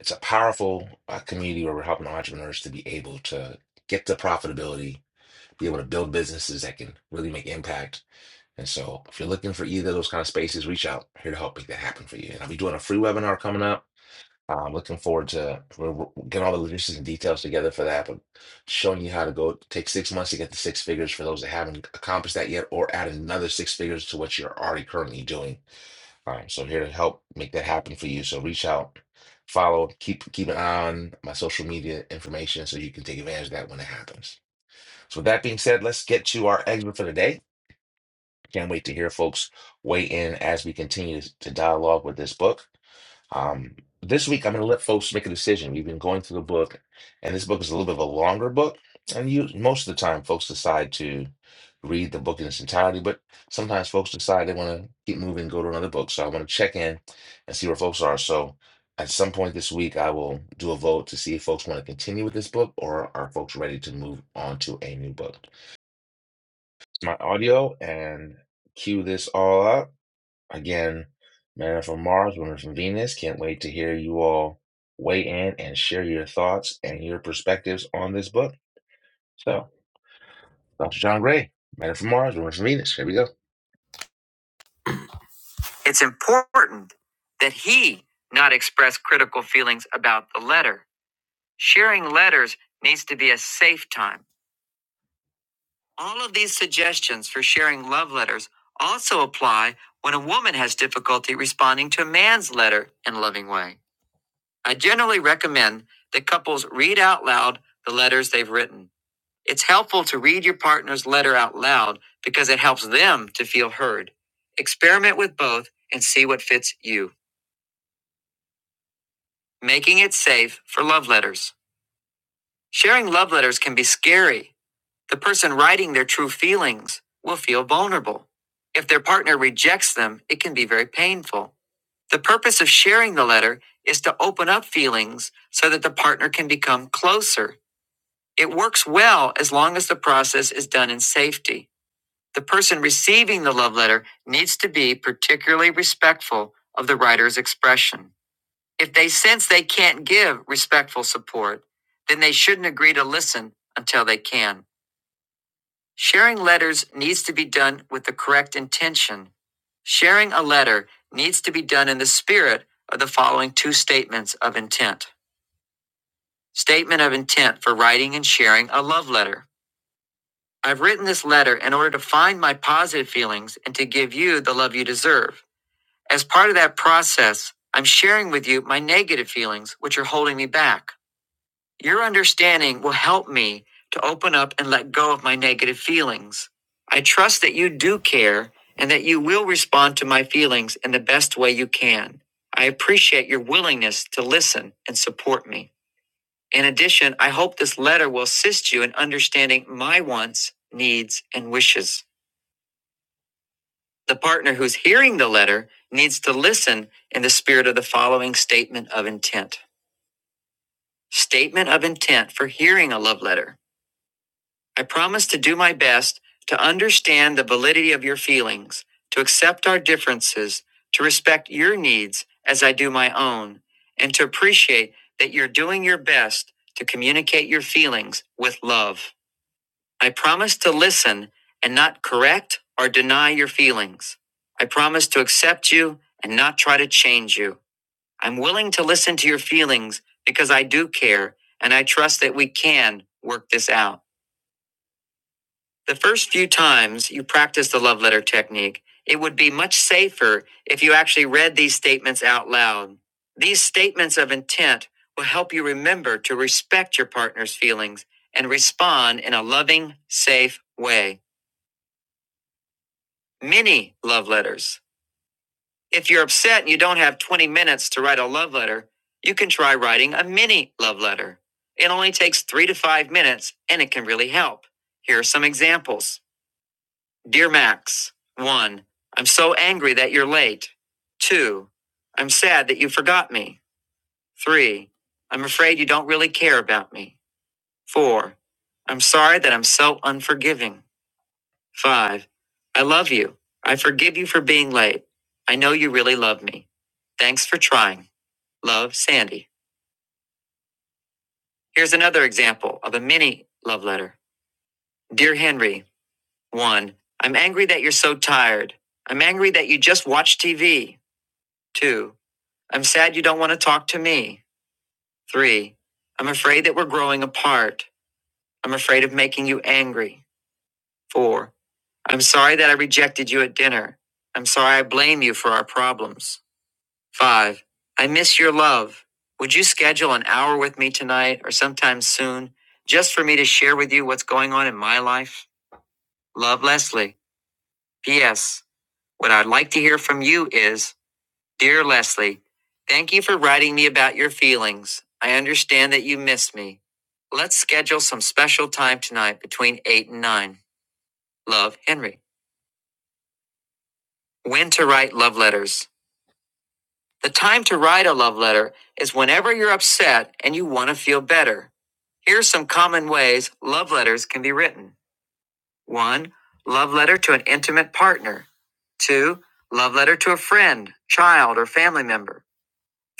[SPEAKER 1] It's a powerful uh, community where we're helping entrepreneurs to be able to get to profitability, be able to build businesses that can really make impact. And so, if you're looking for either of those kind of spaces, reach out. I'm here to help make that happen for you. And I'll be doing a free webinar coming up. I'm looking forward to we're we're getting all the logistics and details together for that, but showing you how to go take six months to get to six figures for those that haven't accomplished that yet, or add another six figures to what you're already currently doing all right, so I'm here to help make that happen for you. So reach out, follow, keep keep an eye on my social media information so you can take advantage of that when it happens. So with that being said, let's get to our excerpt for the day. Can't wait to hear folks weigh in as we continue to dialogue with this book. Um, this week, I'm going to let folks make a decision. We've been going through the book, and this book is a little bit of a longer book. And you, most of the time, folks decide to read the book in its entirety, but sometimes folks decide they want to keep moving and go to another book. So I want to check in and see where folks are. So at some point this week, I will do a vote to see if folks want to continue with this book or are folks ready to move on to a new book. My audio and cue this all up. Again, men are from Mars, women from Venus. Can't wait to hear you all weigh in and share your thoughts and your perspectives on this book. So, Dr. John Gray, men are from Mars, women are from Venus. Here we go. It's important that he not express critical feelings about the letter. Sharing letters needs to be a safe time. All of these suggestions for sharing love letters also apply when a woman has difficulty responding to a man's letter in a loving way. I generally recommend that couples read out loud the letters they've written. It's helpful to read your partner's letter out loud because it helps them to feel heard. Experiment with both and see what fits you. Making it safe for love letters. Sharing love letters can be scary. The person writing their true feelings will feel vulnerable. If their partner rejects them, it can be very painful. The purpose of sharing the letter is to open up feelings so that the partner can become closer It works well as long as the process is done in safety. The person receiving the love letter needs to be particularly respectful of the writer's expression. If they sense they can't give respectful support, then they shouldn't agree to listen until they can. Sharing letters needs to be done with the correct intention. Sharing a letter needs to be done in the spirit of the following two statements of intent. Statement of intent for writing and sharing a love letter. I've written this letter in order to find my positive feelings and to give you the love you deserve. As part of that process, I'm sharing with you my negative feelings, which are holding me back. Your understanding will help me to open up and let go of my negative feelings. I trust that you do care and that you will respond to my feelings in the best way you can. I appreciate your willingness to listen and support me. In addition, I hope this letter will assist you in understanding my wants, needs, and wishes. The partner who's hearing the letter needs to listen in the spirit of the following statement of intent. Statement of intent for hearing a love letter. I promise to do my best to understand the validity of your feelings, to accept our differences, to respect your needs as I do my own, and to appreciate that you're doing your best to communicate your feelings with love. I promise to listen and not correct or deny your feelings. I promise to accept you and not try to change you. I'm willing to listen to your feelings because I do care and I trust that we can work this out. The first few times you practice the love letter technique, it would be much safer if you actually read these statements out loud. These statements of intent will help you remember to respect your partner's feelings and respond in a loving, safe way. Mini love letters. If you're upset and you don't have 20 minutes to write a love letter, you can try writing a mini love letter. It only takes three to five minutes and it can really help. Here are some examples Dear Max, 1. I'm so angry that you're late. 2. I'm sad that you forgot me. 3. I'm afraid you don't really care about me. 4. I'm sorry that I'm so unforgiving. Five, I love you. I forgive you for being late. I know you really love me. Thanks for trying. Love, Sandy. Here's another example of a mini love letter. Dear Henry, 1. I'm angry that you're so tired. I'm angry that you just watch TV. 2. I'm sad you don't want to talk to me. 3. I'm afraid that we're growing apart. I'm afraid of making you angry. 4. I'm sorry that I rejected you at dinner. I'm sorry I blame you for our problems. Five, I miss your love. Would you schedule an hour with me tonight or sometime soon just for me to share with you what's going on in my life? Love, Leslie. P.S. What I'd like to hear from you is Dear Leslie, thank you for writing me about your feelings. I understand that you miss me. Let's schedule some special time tonight between 8 and 9. Love, Henry. When to write love letters. The time to write a love letter is whenever you're upset and you want to feel better. Here are some common ways love letters can be written 1. Love letter to an intimate partner. 2. Love letter to a friend, child, or family member.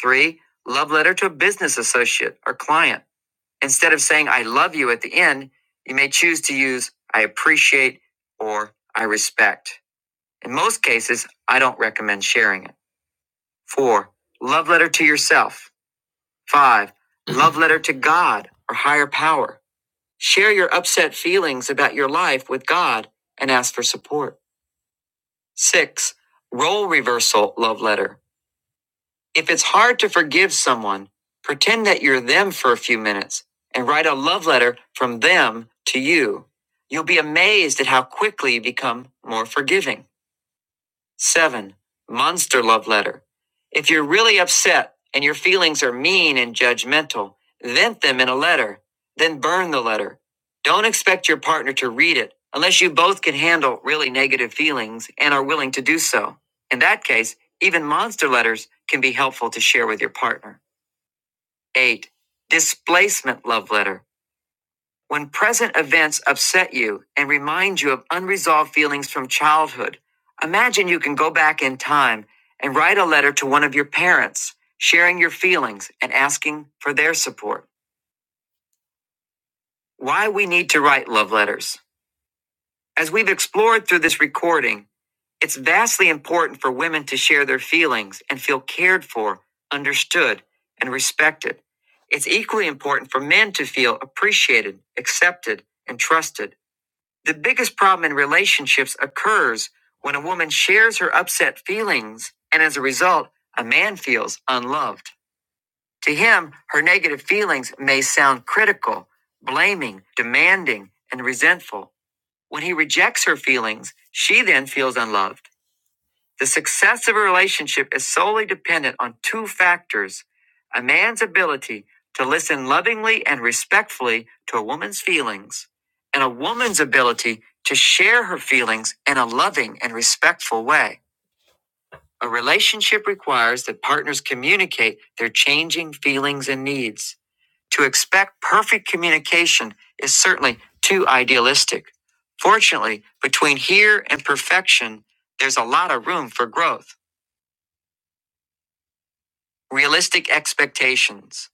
[SPEAKER 1] 3. Love letter to a business associate or client. Instead of saying, I love you at the end, you may choose to use, I appreciate or I respect. In most cases, I don't recommend sharing it. 4. Love letter to yourself. Five, love letter to God or higher power. Share your upset feelings about your life with God and ask for support. Six, role reversal love letter. If it's hard to forgive someone, pretend that you're them for a few minutes and write a love letter from them to you. You'll be amazed at how quickly you become more forgiving. 7. Monster Love Letter. If you're really upset and your feelings are mean and judgmental, vent them in a letter, then burn the letter. Don't expect your partner to read it unless you both can handle really negative feelings and are willing to do so. In that case, even monster letters can be helpful to share with your partner. 8. Displacement Love Letter. When present events upset you and remind you of unresolved feelings from childhood, imagine you can go back in time and write a letter to one of your parents, sharing your feelings and asking for their support. Why we need to write love letters. As we've explored through this recording, it's vastly important for women to share their feelings and feel cared for, understood, and respected. It's equally important for men to feel appreciated, accepted, and trusted. The biggest problem in relationships occurs when a woman shares her upset feelings, and as a result, a man feels unloved. To him, her negative feelings may sound critical, blaming, demanding, and resentful. When he rejects her feelings, she then feels unloved. The success of a relationship is solely dependent on two factors a man's ability to listen lovingly and respectfully to a woman's feelings, and a woman's ability to share her feelings in a loving and respectful way. A relationship requires that partners communicate their changing feelings and needs. To expect perfect communication is certainly too idealistic. Fortunately, between here and perfection, there's a lot of room for growth. Realistic expectations.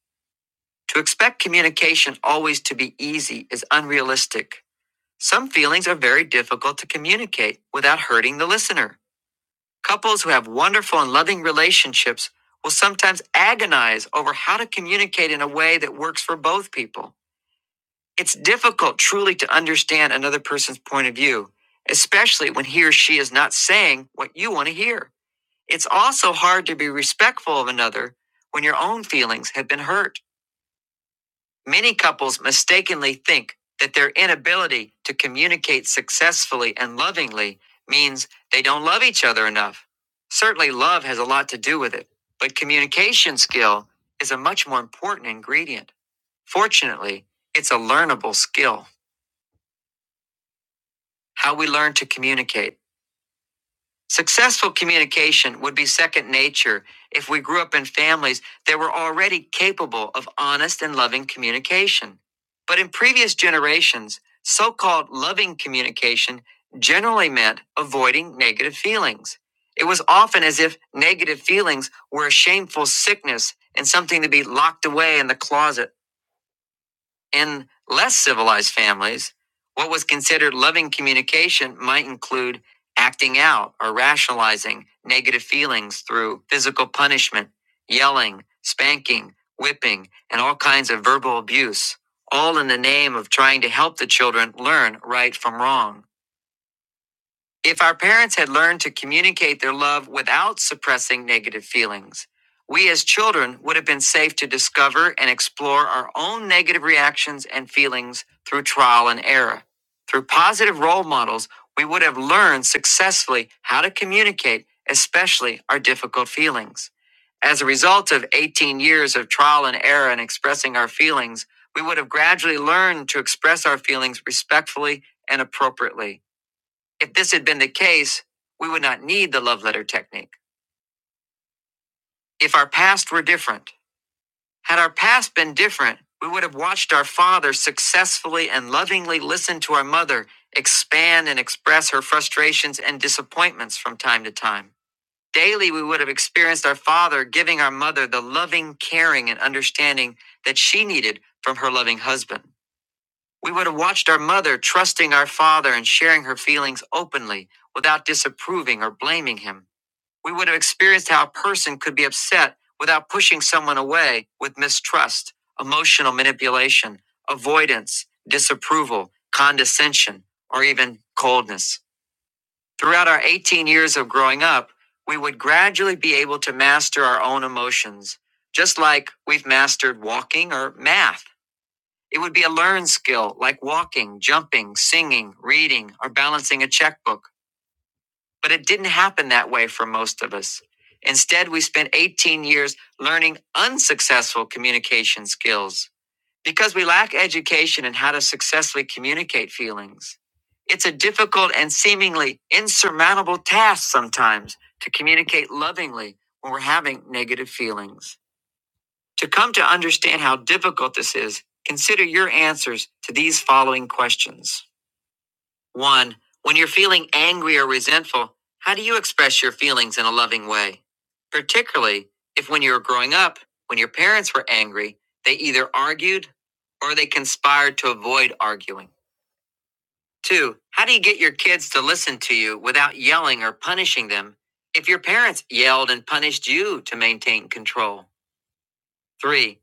[SPEAKER 1] To expect communication always to be easy is unrealistic. Some feelings are very difficult to communicate without hurting the listener. Couples who have wonderful and loving relationships will sometimes agonize over how to communicate in a way that works for both people. It's difficult truly to understand another person's point of view, especially when he or she is not saying what you want to hear. It's also hard to be respectful of another when your own feelings have been hurt. Many couples mistakenly think that their inability to communicate successfully and lovingly means they don't love each other enough. Certainly, love has a lot to do with it, but communication skill is a much more important ingredient. Fortunately, it's a learnable skill. How we learn to communicate. Successful communication would be second nature if we grew up in families that were already capable of honest and loving communication. But in previous generations, so called loving communication generally meant avoiding negative feelings. It was often as if negative feelings were a shameful sickness and something to be locked away in the closet in less civilized families, what was considered loving communication might include acting out or rationalizing negative feelings through physical punishment, yelling, spanking, whipping, and all kinds of verbal abuse, all in the name of trying to help the children learn right from wrong. If our parents had learned to communicate their love without suppressing negative feelings, we as children would have been safe to discover and explore our own negative reactions and feelings through trial and error. Through positive role models, we would have learned successfully how to communicate, especially our difficult feelings. As a result of 18 years of trial and error in expressing our feelings, we would have gradually learned to express our feelings respectfully and appropriately. If this had been the case, we would not need the love letter technique. If our past were different, had our past been different, we would have watched our father successfully and lovingly listen to our mother expand and express her frustrations and disappointments from time to time. Daily, we would have experienced our father giving our mother the loving, caring, and understanding that she needed from her loving husband. We would have watched our mother trusting our father and sharing her feelings openly without disapproving or blaming him. We would have experienced how a person could be upset without pushing someone away with mistrust, emotional manipulation, avoidance, disapproval, condescension, or even coldness. Throughout our 18 years of growing up, we would gradually be able to master our own emotions, just like we've mastered walking or math. It would be a learned skill like walking, jumping, singing, reading, or balancing a checkbook. But it didn't happen that way for most of us. Instead, we spent 18 years learning unsuccessful communication skills because we lack education in how to successfully communicate feelings. It's a difficult and seemingly insurmountable task sometimes to communicate lovingly when we're having negative feelings. To come to understand how difficult this is, consider your answers to these following questions 1. When you're feeling angry or resentful, how do you express your feelings in a loving way? Particularly if when you were growing up, when your parents were angry, they either argued or they conspired to avoid arguing. 2. How do you get your kids to listen to you without yelling or punishing them if your parents yelled and punished you to maintain control? 3.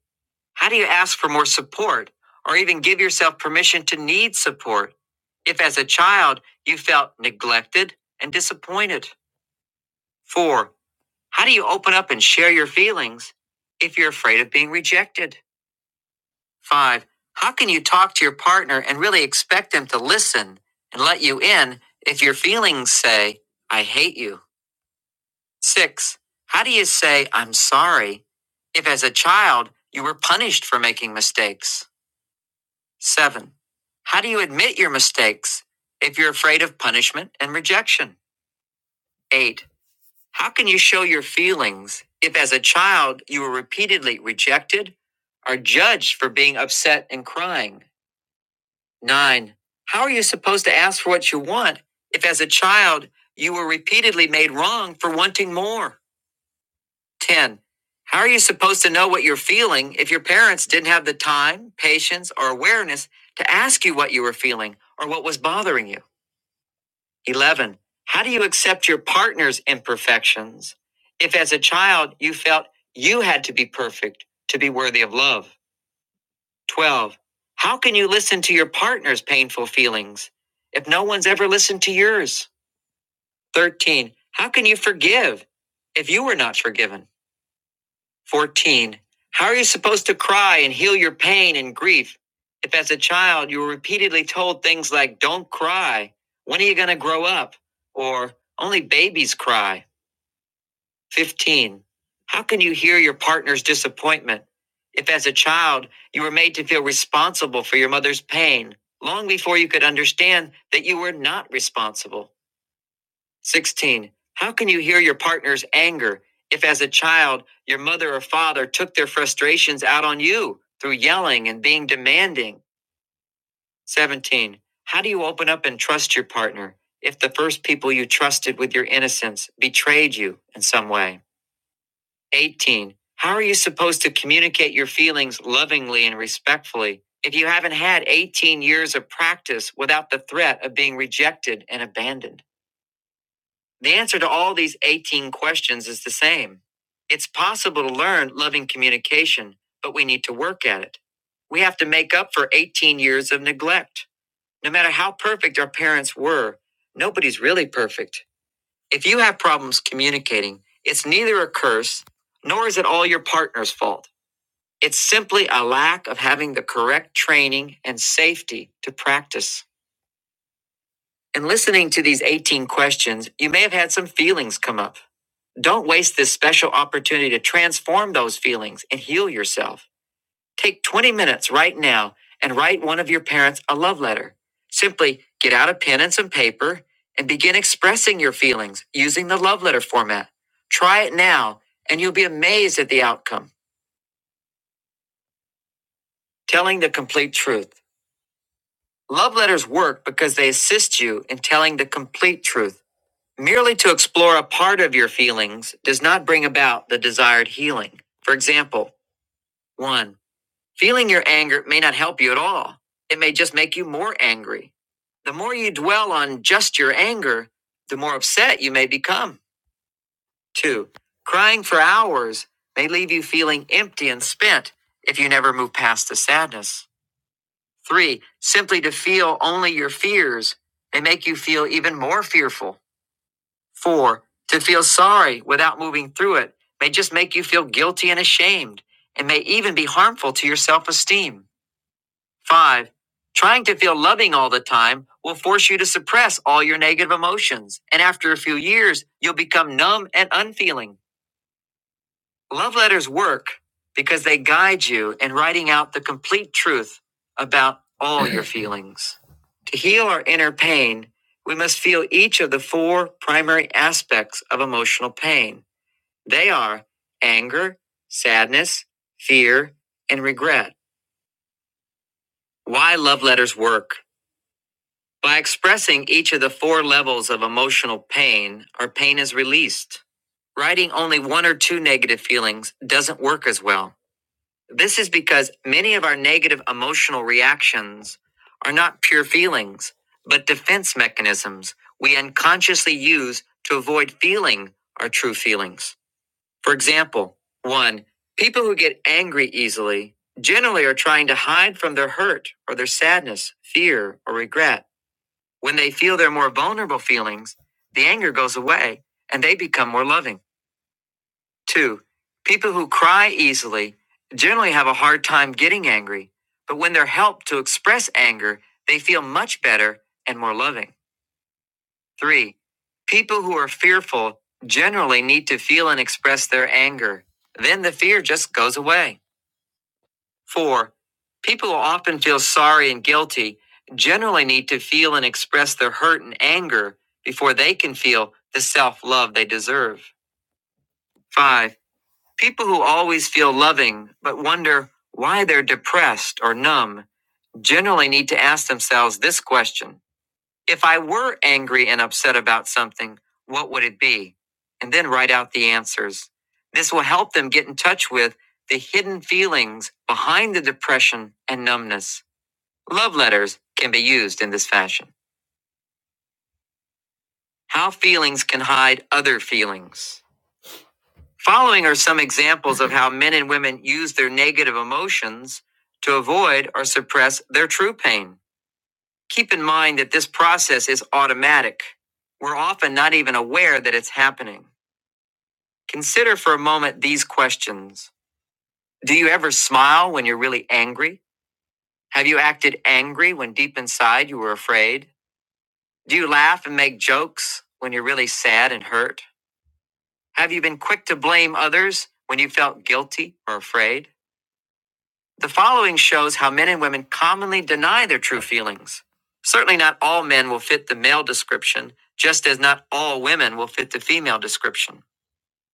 [SPEAKER 1] How do you ask for more support or even give yourself permission to need support if, as a child, you felt neglected and disappointed? Four, how do you open up and share your feelings if you're afraid of being rejected? Five, how can you talk to your partner and really expect them to listen and let you in if your feelings say, I hate you? Six, how do you say, I'm sorry if, as a child, you were punished for making mistakes? Seven, how do you admit your mistakes if you're afraid of punishment and rejection? Eight, how can you show your feelings if as a child you were repeatedly rejected or judged for being upset and crying? Nine, how are you supposed to ask for what you want if as a child you were repeatedly made wrong for wanting more? 10. How are you supposed to know what you're feeling if your parents didn't have the time, patience, or awareness to ask you what you were feeling or what was bothering you? 11. How do you accept your partner's imperfections if, as a child, you felt you had to be perfect to be worthy of love? 12. How can you listen to your partner's painful feelings if no one's ever listened to yours? 13. How can you forgive if you were not forgiven? 14. How are you supposed to cry and heal your pain and grief if, as a child, you were repeatedly told things like, Don't cry, when are you going to grow up? Or, Only babies cry. 15. How can you hear your partner's disappointment if, as a child, you were made to feel responsible for your mother's pain long before you could understand that you were not responsible? 16. How can you hear your partner's anger if, as a child, your mother or father took their frustrations out on you through yelling and being demanding? 17. How do you open up and trust your partner if the first people you trusted with your innocence betrayed you in some way? 18. How are you supposed to communicate your feelings lovingly and respectfully if you haven't had 18 years of practice without the threat of being rejected and abandoned? The answer to all these 18 questions is the same. It's possible to learn loving communication, but we need to work at it. We have to make up for 18 years of neglect. No matter how perfect our parents were, nobody's really perfect. If you have problems communicating, it's neither a curse nor is it all your partner's fault. It's simply a lack of having the correct training and safety to practice. In listening to these 18 questions, you may have had some feelings come up. Don't waste this special opportunity to transform those feelings and heal yourself. Take 20 minutes right now and write one of your parents a love letter. Simply get out a pen and some paper and begin expressing your feelings using the love letter format. Try it now and you'll be amazed at the outcome. Telling the complete truth. Love letters work because they assist you in telling the complete truth. Merely to explore a part of your feelings does not bring about the desired healing. For example, 1. Feeling your anger may not help you at all. It may just make you more angry. The more you dwell on just your anger, the more upset you may become. Two, crying for hours may leave you feeling empty and spent if you never move past the sadness. Three, simply to feel only your fears may make you feel even more fearful. Four, to feel sorry without moving through it may just make you feel guilty and ashamed and may even be harmful to your self esteem. Five, trying to feel loving all the time will force you to suppress all your negative emotions. And after a few years, you'll become numb and unfeeling. Love letters work because they guide you in writing out the complete truth about all your feelings. To heal our inner pain, we must feel each of the four primary aspects of emotional pain. They are anger, sadness, fear, and regret. Why love letters work? By expressing each of the four levels of emotional pain, our pain is released. Writing only one or two negative feelings doesn't work as well. This is because many of our negative emotional reactions are not pure feelings, but defense mechanisms we unconsciously use to avoid feeling our true feelings. For example, one, people who get angry easily generally are trying to hide from their hurt or their sadness, fear, or regret. When they feel their more vulnerable feelings, the anger goes away and they become more loving. Two, people who cry easily generally have a hard time getting angry, but when they're helped to express anger, they feel much better and more loving. Three, people who are fearful generally need to feel and express their anger. Then the fear just goes away. Four, people who often feel sorry and guilty generally need to feel and express their hurt and anger before they can feel the self love they deserve. Five, people who always feel loving but wonder why they're depressed or numb generally need to ask themselves this question If I were angry and upset about something, what would it be? And then write out the answers. This will help them get in touch with the hidden feelings behind the depression and numbness. Love letters can be used in this fashion. How feelings can hide other feelings. Following are some examples of how men and women use their negative emotions to avoid or suppress their true pain. Keep in mind that this process is automatic. We're often not even aware that it's happening. Consider for a moment these questions Do you ever smile when you're really angry? Have you acted angry when deep inside you were afraid? Do you laugh and make jokes when you're really sad and hurt? Have you been quick to blame others when you felt guilty or afraid? The following shows how men and women commonly deny their true feelings. Certainly, not all men will fit the male description, just as not all women will fit the female description.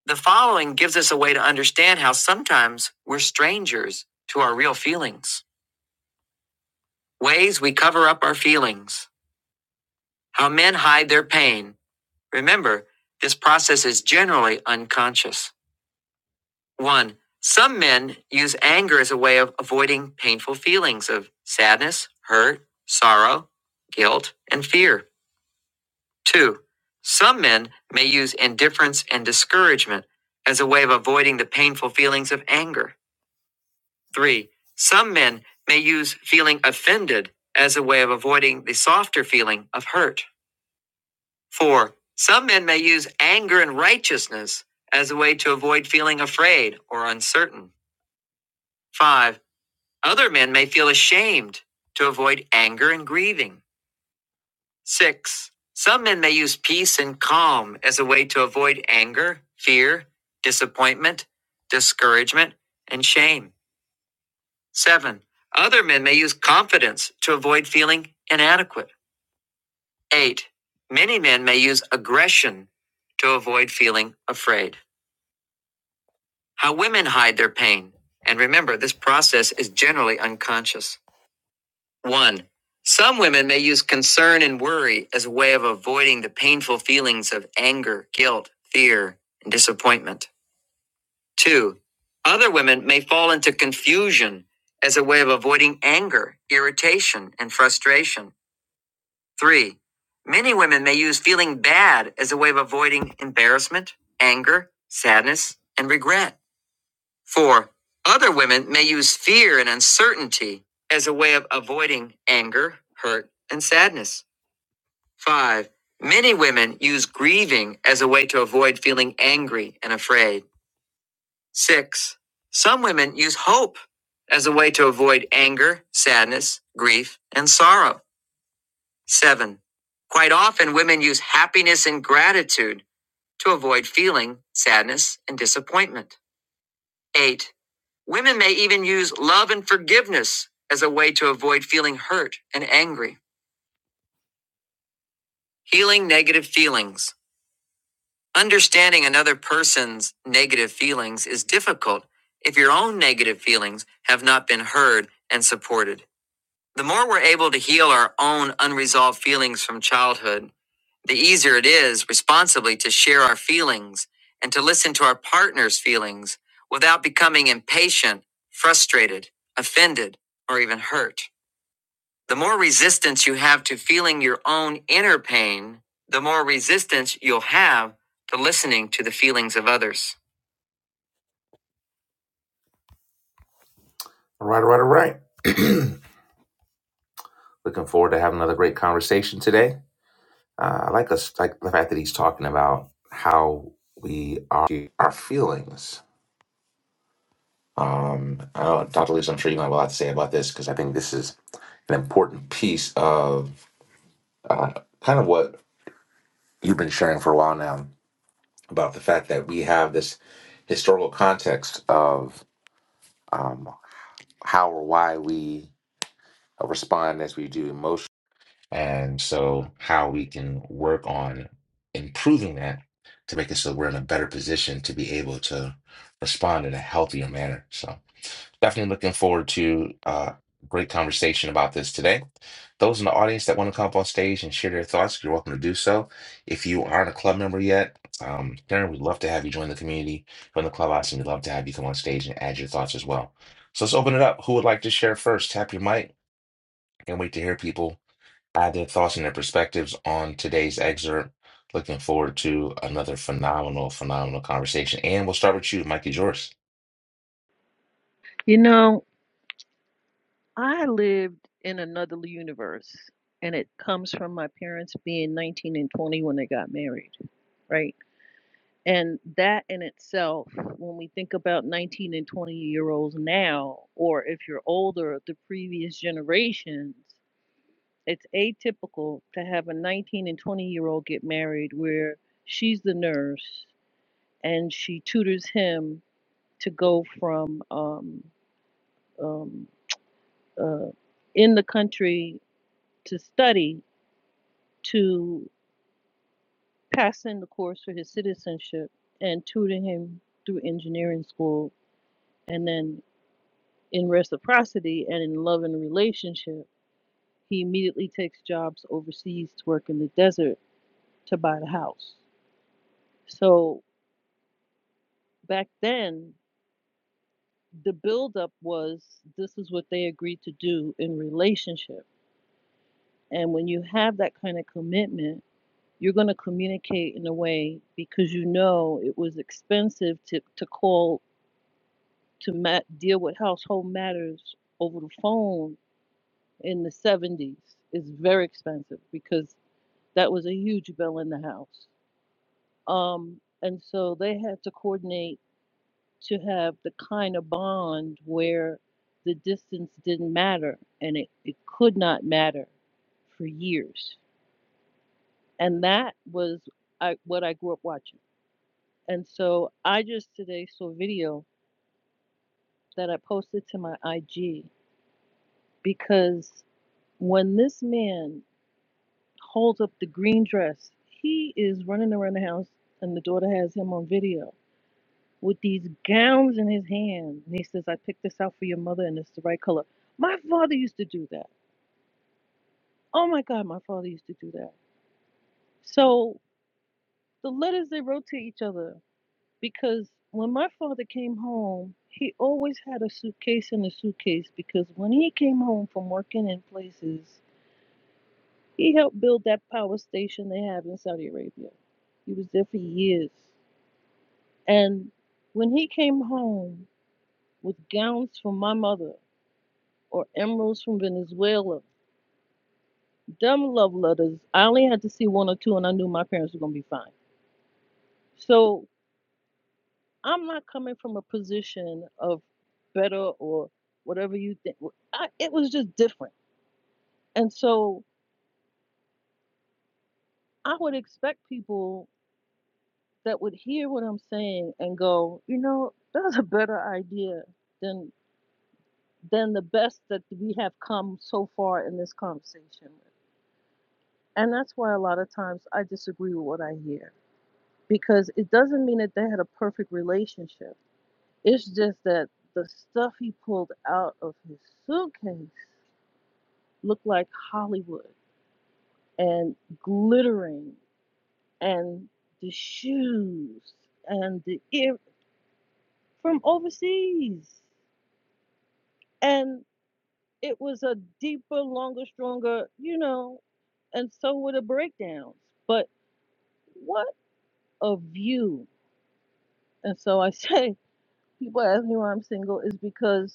[SPEAKER 1] The following gives us a way to understand how sometimes we're strangers to our real feelings. Ways we cover up our feelings. How men hide their pain. Remember, this process is generally unconscious. One, some men use anger as a way of avoiding painful feelings of sadness, hurt, sorrow, guilt, and fear. Two, some men may use indifference and discouragement as a way of avoiding the painful feelings of anger. Three, some men may use feeling offended as a way of avoiding the softer feeling of hurt. Four, some men may use anger and righteousness as a way to avoid feeling afraid or uncertain. Five, Other men may feel ashamed to avoid anger and grieving. Six, some men may use peace and calm as a way to avoid anger, fear, disappointment, discouragement, and shame. Seven, other men may use confidence to avoid feeling inadequate. Eight, many men may use aggression to avoid feeling afraid. How women hide their pain. And remember, this process is generally unconscious. One, some women may use concern and worry as a way of avoiding the painful feelings of anger, guilt, fear, and disappointment. Two, other women may fall into confusion as a way of avoiding anger, irritation, and frustration. Three, many women may use feeling bad as a way of avoiding embarrassment, anger, sadness, and regret. Four, other women may use fear and uncertainty as a way of avoiding anger, hurt, and sadness. Five, many women use grieving as a way to avoid feeling angry and afraid. Six, some women use hope as a way to avoid anger, sadness, grief, and sorrow. Seven, quite often women use happiness and gratitude to avoid feeling sadness and disappointment. Eight, Women may even use love and forgiveness as a way to avoid feeling hurt and angry. Healing negative feelings. Understanding another person's negative feelings is difficult if your own negative feelings have not been heard and supported. The more we're able to heal our own unresolved feelings from childhood, the easier it is responsibly to share our feelings and to listen to our partner's feelings without becoming impatient, frustrated, offended, or even hurt. The more resistance you have to feeling your own inner pain, the more resistance you'll have to listening to the feelings of others. All right, all right, all right. Looking forward to having another great conversation today. Uh, I like us like the fact that he's talking about how we are our feelings. Um, I don't know, Dr. Lisa, I'm sure you might have a lot to say about this because I think this is an important piece of uh, kind of what you've been sharing for a while now about the fact that we have this historical context of um, how or why we respond as we do and so, how we can work on improving that to make it so we're in a better position to be able to respond in a healthier manner. So, definitely looking forward to uh, great conversation about this today. Those in the audience that want to come up on stage and share their thoughts, you're welcome to do so. If you aren't a club member yet, um, Darren, we'd love to have you join the community, join the clubhouse, and we'd love to have you come on stage and add your thoughts as well. So let's open it up. Who would like to share first? Tap your mic. Can't wait to hear people added thoughts and their perspectives on today's excerpt. Looking forward to another phenomenal, phenomenal conversation. And we'll start with you, Mike is yours.
[SPEAKER 7] You know, I lived in another universe, and it comes from my parents being 19 and 20 when they got married, right? And that in itself, when we think about 19 and 20 year olds now, or if you're older, the previous generations, it's atypical to have a 19 and 20 year old get married where she's the nurse and she tutors him to go from um, um, uh, in the country to study to passing the course for his citizenship and tutoring him through engineering school. And then in reciprocity and in love and relationship, he immediately takes jobs overseas to work in the desert to buy the house. So back then, the buildup was this is what they agreed to do in relationship. And when you have that kind of commitment, you're going to communicate in a way because you know it was expensive to, to call to ma- deal with household matters over the phone in the 70s. It's very expensive because That was a huge bill in the House. Um, and so they had to coordinate to have the kind of bond where the distance didn't matter and it, it could not matter for years. And that was I, what I grew up watching. And so I just today saw a video that I posted to my IG because when this man holds up the green dress, he is running around the house and the daughter has him on video with these gowns in his hand. And he says, I picked this out for your mother and it's the right color. My father used to do that. Oh my God, my father used to do that. So the letters, they wrote to each other because when my father came home, he always had a suitcase in a suitcase because when he came home from working in places, he helped build that power station they have in Saudi Arabia. He was there for years. And when he came home with gowns for my mother, or emeralds from Venezuela. dumb love letters. I only had to see one or two, and I knew my parents were gonna be fine. So I'm not coming from a position of better or whatever you think. I, it was just different, and so I would expect people that would hear what I'm saying and go, you know, that's a better idea than than the best that we have come so far in this conversation. And that's why a lot of times I disagree with what I hear because it doesn't mean that they had a perfect relationship. It's just that the stuff he pulled out of his suitcase looked like Hollywood and glittering and the shoes and the ear from overseas. And it was a deeper, longer, stronger, you know, and so were the breakdowns. But what a view. And so I say, people ask me why I'm single is because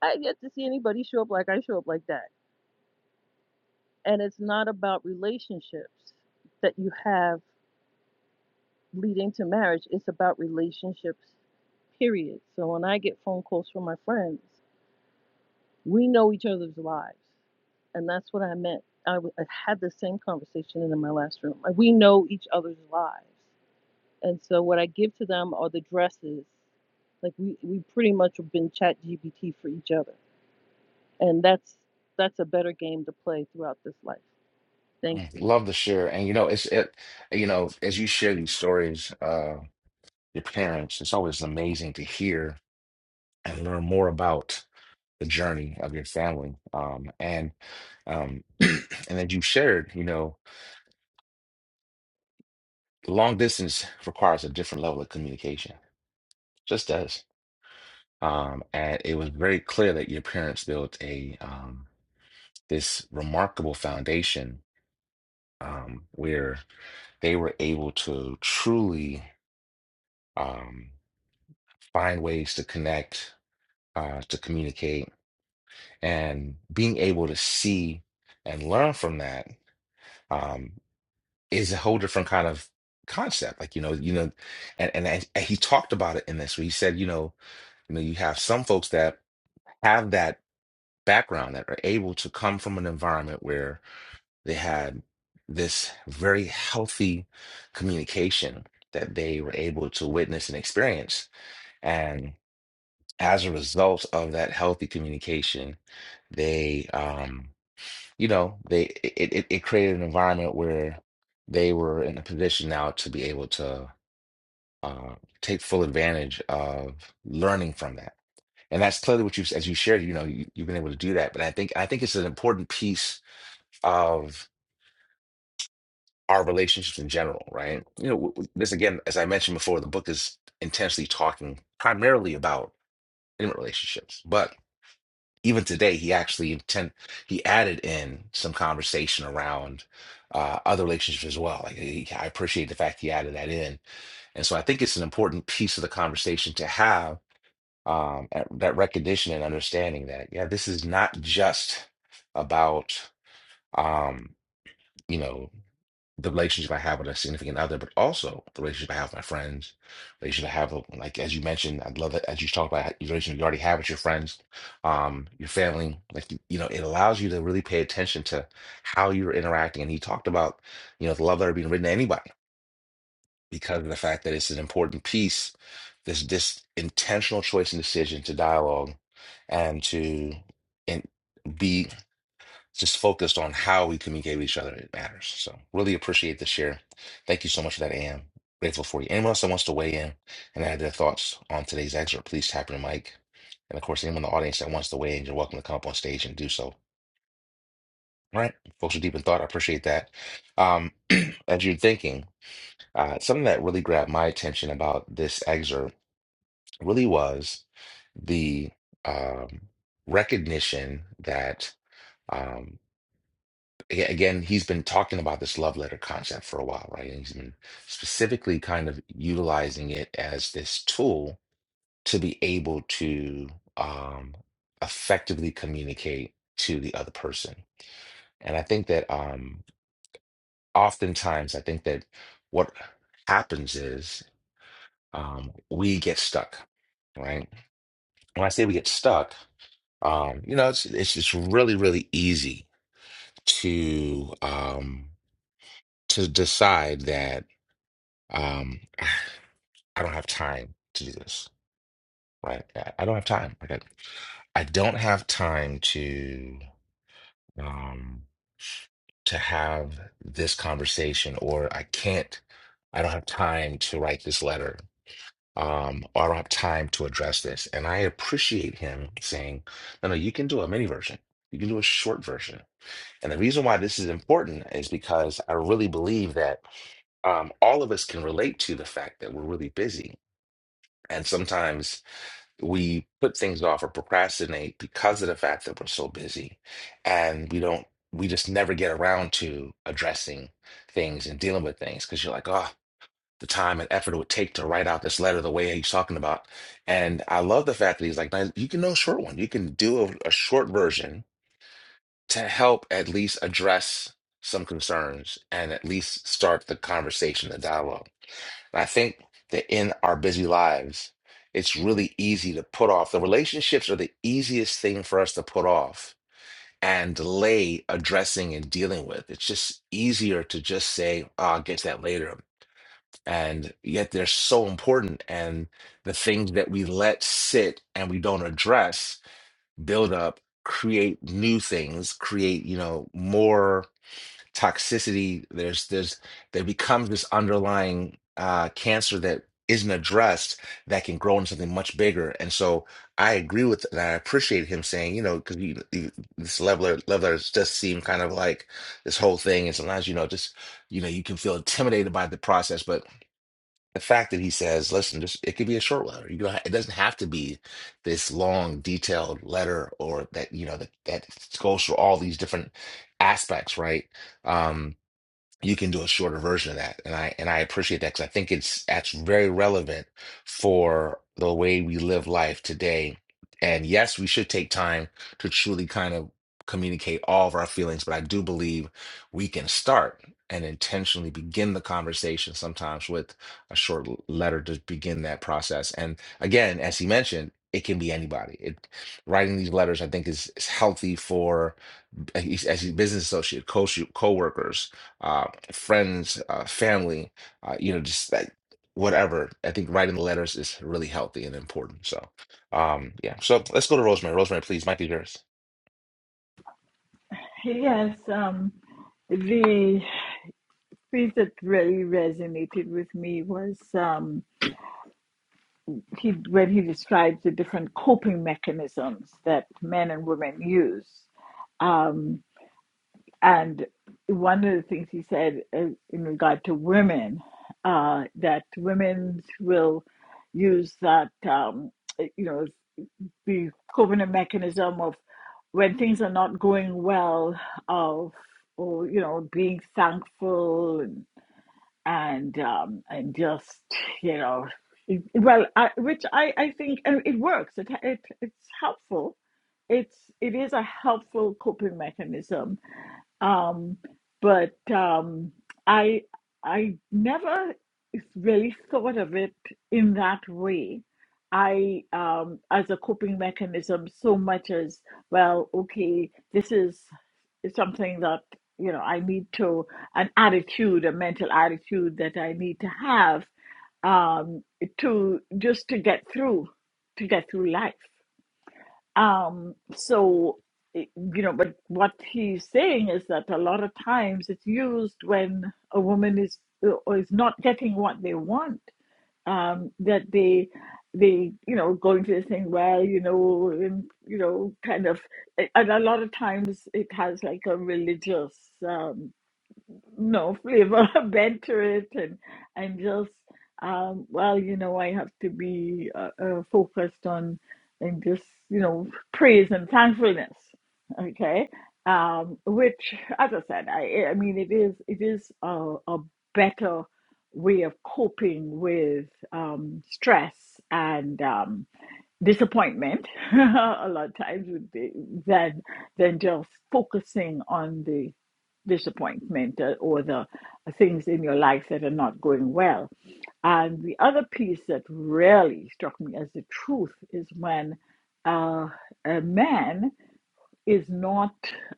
[SPEAKER 7] I get to see anybody show up like I show up like that. And it's not about relationships that you have leading to marriage. It's about relationships, period. So when I get phone calls from my friends, we know each other's lives. And that's what I meant. I, w- I had the same conversation in my last room. Like, We know each other's lives. And so what I give to them are the dresses. Like we, we pretty much have been chat GBT for each other. And that's that's a better game to play throughout this life. Thank
[SPEAKER 1] Mm,
[SPEAKER 7] you.
[SPEAKER 1] Love to share. And you know, it's it you know, as you share these stories, uh, your parents, it's always amazing to hear and learn more about the journey of your family. Um, and um and as you shared, you know, long distance requires a different level of communication. Just does. um, and it was very clear that your parents built a um, this remarkable foundation um, where they were able to truly um, find ways to connect, uh, to communicate, and being able to see and learn from that um, is a whole different kind of concept. Like you know, you know, and and, I, and he talked about it in this where he said, you know, you know, you have some folks that have that background that are able to come from an environment where They had this very healthy communication that they were able to witness and experience. And as a result of that healthy communication, they, um, you know, they it, it, it created an environment where they were in a position now to be able to uh, take full advantage of learning from that. And that's clearly what you've, as you shared, you know, you, you've been able to do that. But I think I think it's an important piece of. our relationships in general, right? You know, w- w- this again, as I mentioned before, the book is intensely talking primarily about intimate relationships, but even today, he actually intent he added in some conversation around uh, other relationships as well. Like he, I appreciate the fact he added that in, and so I think it's an important piece of the conversation to have um, at- that recognition and understanding that yeah, this is not just about um, you know the relationship I have with a significant other, but also the relationship I have with my friends, relationship I have, with- like as you mentioned, I love that as you talk about your relationship you already have with your friends, um, your family, like you, you know, it allows you to really pay attention to how you're interacting. And he talked about, you know, the love letter being written to anybody because of the fact that it's an important piece, this this intentional choice and decision to dialogue and to and be just focused on how we communicate with each other. It matters. So really appreciate the share. Thank you so much for that, Am. Grateful for you. Anyone else that wants to weigh in and add their thoughts on today's excerpt, please tap your mic. And of course, anyone in the audience that wants to weigh in, you're welcome to come up on stage and do so. All right, folks are deep in thought. I appreciate that. Um, as you're thinking, uh, something that really grabbed my attention about this excerpt really was the um, recognition that um, aga- again, he's been talking about this love letter concept for a while, right? And he's been specifically kind of utilizing it as this tool to be able to um, effectively communicate to the other person. And I think that um, oftentimes, I think that what happens is um, we get stuck, right? When I say we get stuck, um, you know, it's it's just really, really easy to um, to decide that. Um, I don't have time to do this. Right? I I don't have time. Like I, I don't have time to um to have this conversation, or I can't. I don't have time to write this letter. Um, or I don't have time to address this. And I appreciate him saying, "No, no, you can do a mini version. You can do a short version." And the reason why this is important is because I really believe that um, all of us can relate to the fact that we're really busy And sometimes we put things off or procrastinate because of the fact that we're so busy and we don't, we just never get around to addressing things and dealing with things because you're like, oh, the time and effort it would take to write out this letter the way he's talking about. And I love the fact that he's like, "Man, you can do a short one. You can do a, a short version to help at least address some concerns and at least start the conversation, the dialogue. And I think that in our busy lives, it's really easy to put off. The relationships are the easiest thing for us to put off and delay addressing and dealing with. It's just easier to just say, oh, I'll get to that later. And yet they're so important. And the things that we let sit and we don't address build up, create new things, create, you know, more toxicity there's there's there becomes this underlying uh cancer that isn't addressed that can grow into something much bigger and so i agree with and i appreciate him saying you know because you, you, this leveler levelers just seem kind of like this whole thing and sometimes you know just you know you can feel intimidated by the process but the fact that he says listen just it could be a short letter you know it doesn't have to be this long detailed letter or that you know that that goes through all these different aspects right Um, you can do a shorter version of that. And I and I appreciate that because I think it's that's very relevant for the way we live life today. And yes, we should take time to truly kind of communicate all of our feelings, but I do believe we can start and intentionally begin the conversation sometimes with a short l- letter to begin that process. And again, as he mentioned, it can be anybody. It, writing these letters, I think, is, is healthy for as as a business associate, co uh, friends, uh, family, uh, you know, just like whatever. I think writing the letters is really healthy and important. So, um, yeah. So let's go to Rosemary. Rosemary, please, mic is yours.
[SPEAKER 3] Yes, um, the piece that really resonated with me was um, he when he describes the different coping mechanisms that men and women use, um, and one of the things he said uh, in regard to women uh, that women will use that um, you know the coping mechanism of when things are not going well of or you know being thankful and. and um, and just you know, it, well, I, which I I think and it works. It it it's helpful. It's it is a helpful coping mechanism um, but um, I I never really thought of it in that way. I um, as a coping mechanism so much as well. Okay, this is something that you know I need to an attitude, a mental attitude that I need to have um, to just to get through to get through life. Um, so, eh, you know, but what he's saying is that a lot of times it's used when a woman is or is not getting what they want. Um, that they they you know go into this thing well you know and you know kind of and a lot of times it has like a religious um, no flavor bent to it and i'm just um well you know i have to be uh, uh, focused on and just you know praise and thankfulness okay um which as i said i i mean it is it is a, a better way of coping with um stress and um disappointment a lot of times would be than than just focusing on the disappointment uh, or the things in your life that are not going well. And the other piece that really struck me as the truth is when uh, a man is not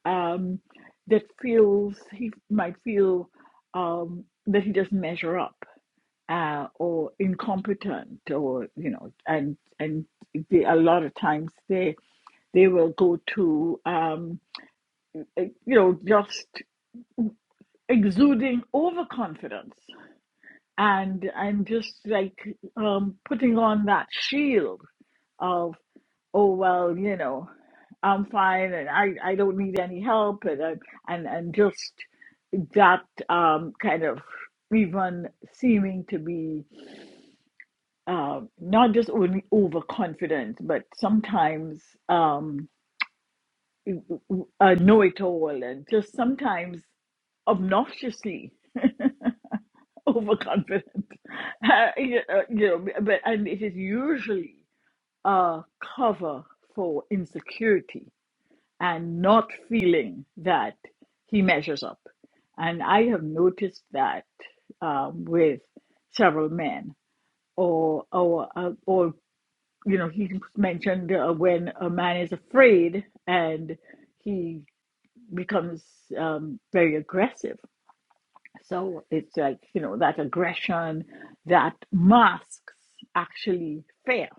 [SPEAKER 3] um, that feels he might feel um, that he doesn't measure up uh, or incompetent or you know and and they, a lot of times they they will go to um, eh, you know just exuding overconfidence and and just like um, putting on that shield of oh well you know i'm fine and i i don't need any help and I- and and just that um kind of even seeming to be uh, not just only overconfident, but sometimes um, a know-it-all and just sometimes obnoxiously overconfident. Uh, you uh, you know, but and it is usually a cover for insecurity and not feeling that he measures up. And I have noticed that um, with several men, or or uh, or you know, he mentioned uh, when a man is afraid and he becomes um, very aggressive. So it's like, you know, that aggression that masks actually fear.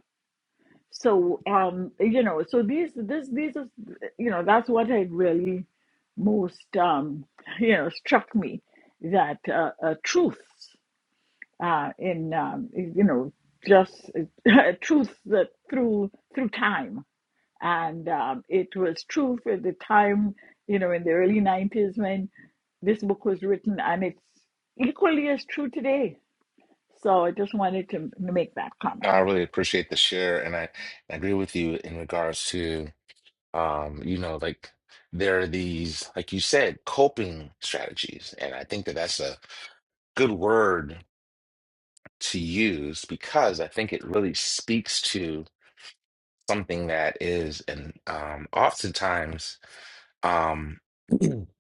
[SPEAKER 3] So, um, you know, so these, this, these is, you know, that's what I really most, um, you know, struck me that uh, uh, truths uh, in, um, you know, just uh, truths that through through time and um, it was true for the time, you know, in the early 90s when this book was written, and it's equally as true today. So I just wanted to make that
[SPEAKER 1] No,
[SPEAKER 3] comment.
[SPEAKER 1] I really appreciate the share, and I, I agree with you in regards to, um, you know, like there are these, like you said, coping strategies, and I think that that's a good word to use because I think it really speaks to something that is, and um, oftentimes Um, I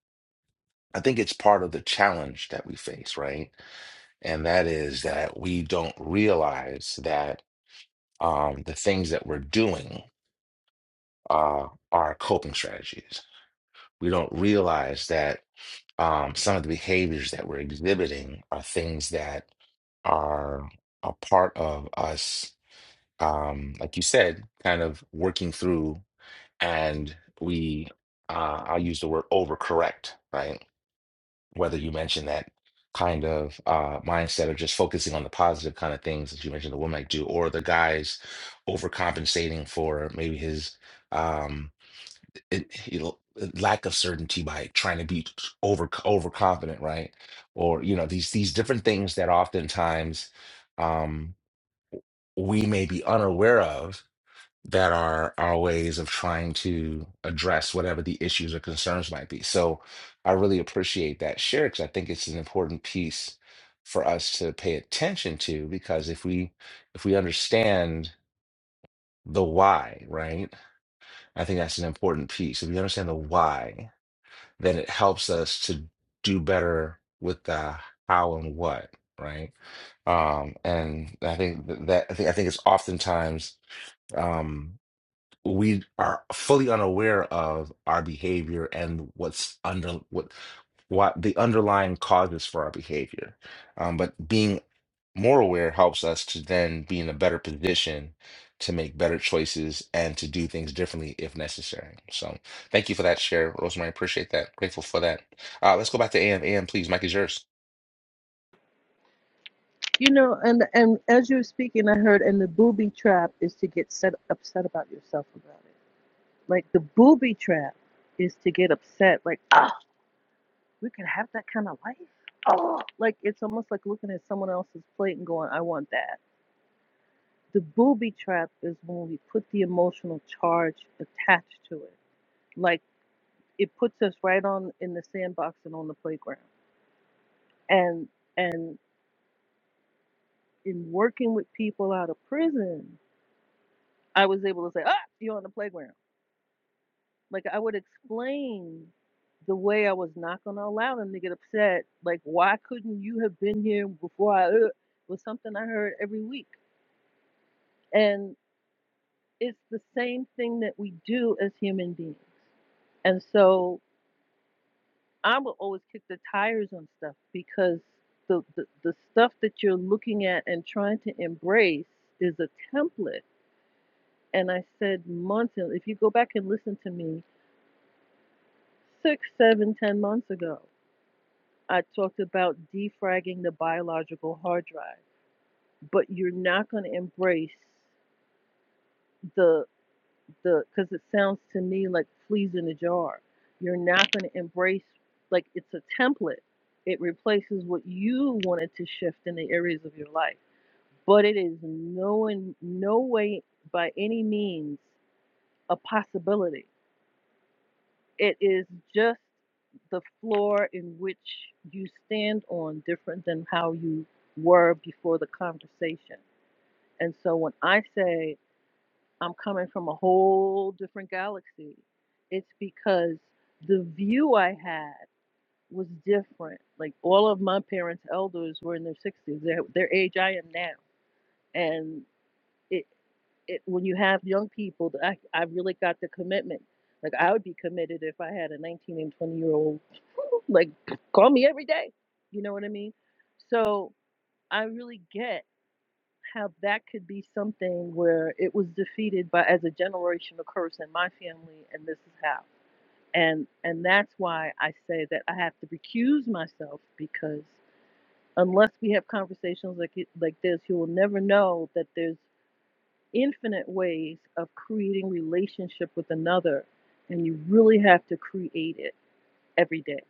[SPEAKER 1] think it's part of the challenge that we face, right? And that is that we don't realize that um, the things that we're doing uh, are coping strategies. We don't realize that um, some of the behaviors that we're exhibiting are things that are a part of us, um, like you said, kind of working through. And we, uh, I'll use the word overcorrect, right? whether you mention that kind of uh, mindset of just focusing on the positive kind of things that you mentioned the woman might do, or the guy's overcompensating for maybe his um, it, you know, lack of certainty by trying to be over overconfident, right? Or you know these these different things that oftentimes um, we may be unaware of that are our ways of trying to address whatever the issues or concerns might be. So I really appreciate that share because I think it's an important piece for us to pay attention to because if we if we understand the why, right? I think that's an important piece. If we understand the why, then it helps us to do better with the how and what, right? Um, and I think that I think I think it's oftentimes um we are fully unaware of our behavior and what's under what what the underlying causes for our behavior. Um, but being more aware helps us to then be in a better position to make better choices and to do things differently if necessary. So thank you for that share, Rosemary. Appreciate that. Grateful for that. Uh, let's go back to AM. AM, please. Mike is yours.
[SPEAKER 7] You know, and and as you were speaking, I heard, and the booby trap is to get set upset about yourself about it. Like the booby trap is to get upset, like, oh, we could have that kind of life. Oh, like it's almost like looking at someone else's plate and going, I want that. The booby trap is when we put the emotional charge attached to it. Like it puts us right on in the sandbox and on the playground. And and in working with people out of prison, I was able to say, ah, you're on the playground. Like I would explain the way I was not going to allow them to get upset. Like, why couldn't you have been here before I uh, was something I heard every week. And it's the same thing that we do as human beings. And so I will always kick the tires on stuff because the, the, the stuff that you're looking at and trying to embrace is a template. And I said months, and if you go back and listen to me, Six, seven, ten months ago, I talked about defragging the biological hard drive, but you're not going to embrace the the because it sounds to me like fleas in a jar. You're not going to embrace like it's a template. It replaces what you wanted to shift in the areas of your life, but it is no in no way by any means a possibility It is just the floor in which you stand on different than how you were before the conversation. And so when I say I'm coming from a whole different galaxy, it's because the view I had was different. Like all of my parents' elders were in their 60s, their, their age I am now. And it it, when you have young people, I, I really got the commitment. Like I would be committed if I had a 19 and 20 year old, like call me every day. You know what I mean? So I really get how that could be something where it was defeated by as a generational curse in my family, and this is how. And and that's why I say that I have to recuse myself because unless we have conversations like it, like this, you will never know that there's infinite ways of creating relationship with another and you really have to create it every day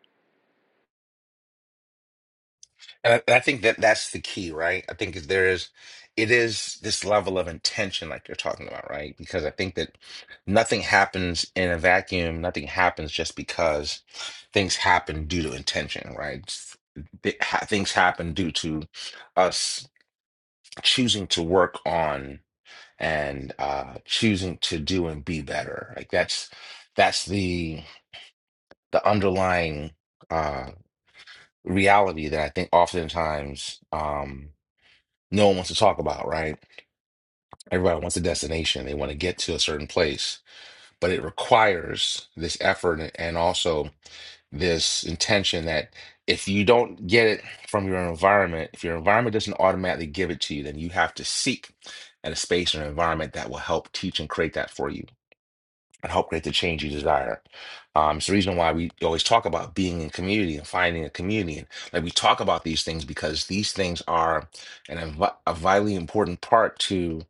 [SPEAKER 1] And I, and I think that that's the key, right? I think is there is, it is this level of intention, like you're talking about, right? Because I think that nothing happens in a vacuum. Nothing happens just because things happen due to intention, right? S- th- ha- Things happen due to us choosing to work on and uh, choosing to do and be better. Like that's that's the the underlying uh, reality that I think oftentimes. Um, no one wants to talk about, right? Everybody wants a destination. They want to get to a certain place, but it requires this effort and also this intention that if you don't get it from your environment, if your environment doesn't automatically give it to you, then you have to seek at a space or an environment that will help teach and create that for you and help create the change you desire. Um, it's the reason why we always talk about being in community and finding a community. And like we talk about these things because these things are an, invi- a vitally important part to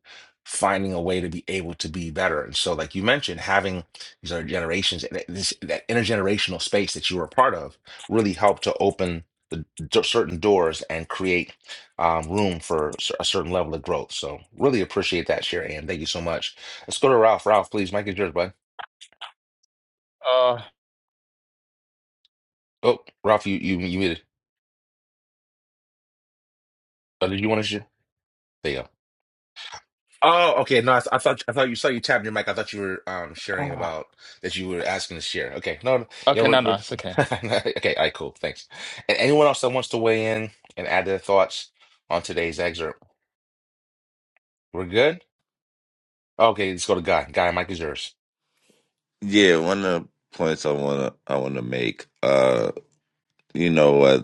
[SPEAKER 1] finding a way to be able to be better. And so, like you mentioned, having these other generations, that, this, that intergenerational space that you were a part of really helped to open the d- certain doors and create um, room for cer- a certain level of growth. So really appreciate that share, and thank you so much. Let's go to Ralph. Ralph, please, Mike is yours, bud.
[SPEAKER 12] Uh,
[SPEAKER 1] Oh, Ralph, you you you muted. Uh, did you want to share? There you go. Oh, okay. No, I, th- I thought I thought you saw you tapping your mic. I thought you were um sharing
[SPEAKER 12] oh,
[SPEAKER 1] about that you were asking to share. Okay. No, no. yeah,
[SPEAKER 12] okay,
[SPEAKER 1] we're,
[SPEAKER 12] no, no,
[SPEAKER 1] we're
[SPEAKER 12] it's okay.
[SPEAKER 1] okay. All right, cool. Thanks. And anyone else that wants to weigh in and add their thoughts on today's excerpt, we're good. Okay, let's go to Guy. Guy, mic is yours.
[SPEAKER 9] Yeah, one of the points I wanna I wanna make. Uh, you know what?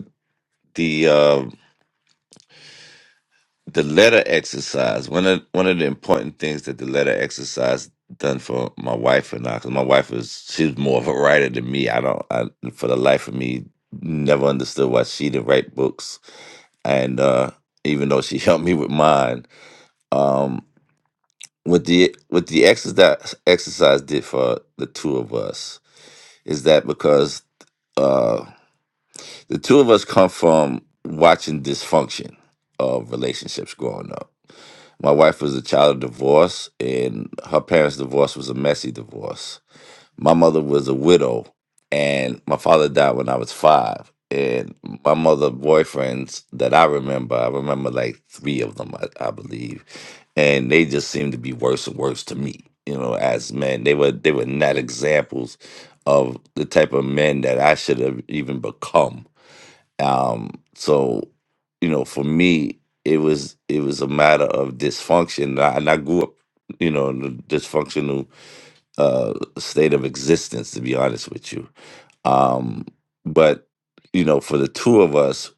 [SPEAKER 9] the letter exercise one of one of the important things that the letter exercise done for my wife and I because my wife was she's more of a writer than me I don't I for the life of me never understood why she didn't write books and uh even though she helped me with mine um what the what the exercise exercise did for the two of us is that because uh the two of us come from watching dysfunction of relationships growing up My wife was a child of divorce, and her parents' divorce was a messy divorce. My mother was a widow, and my father died when I was five. And my mother boyfriends that I remember, I remember like three of them, I, I believe, and they just seemed to be worse and worse to me. You know, as men, they were they were not examples of the type of men that I should have even become um, so, you know, for me, it was it was a matter of dysfunction, and I- and I grew up, you know, in a dysfunctional uh, state of existence, to be honest with you. Um, but you know, for the two of us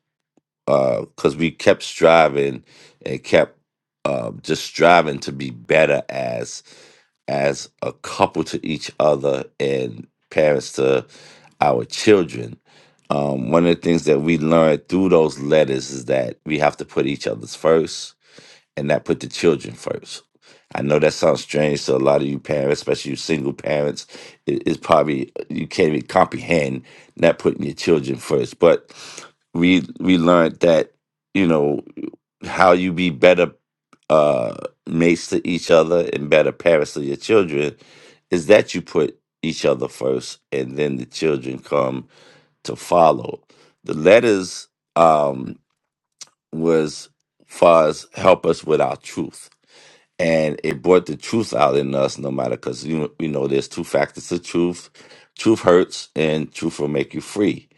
[SPEAKER 9] because we kept striving and kept um, just striving to be better as as a couple to each other and parents to our children. Um, one of the things that we learned through those letters is that we have to put each other's first and not put the children first. I know that sounds strange to a lot of you parents, especially you single parents. It, it's probably you can't even comprehend not putting your children first. But we we learned that you know how you be better uh, mates to each other and better parents to your children is that you put each other first, and then the children come to follow. The letters um, was far as help us with our truth and it brought the truth out in us no matter because you, know- you know there's two factors to truth truth hurts and truth will make you free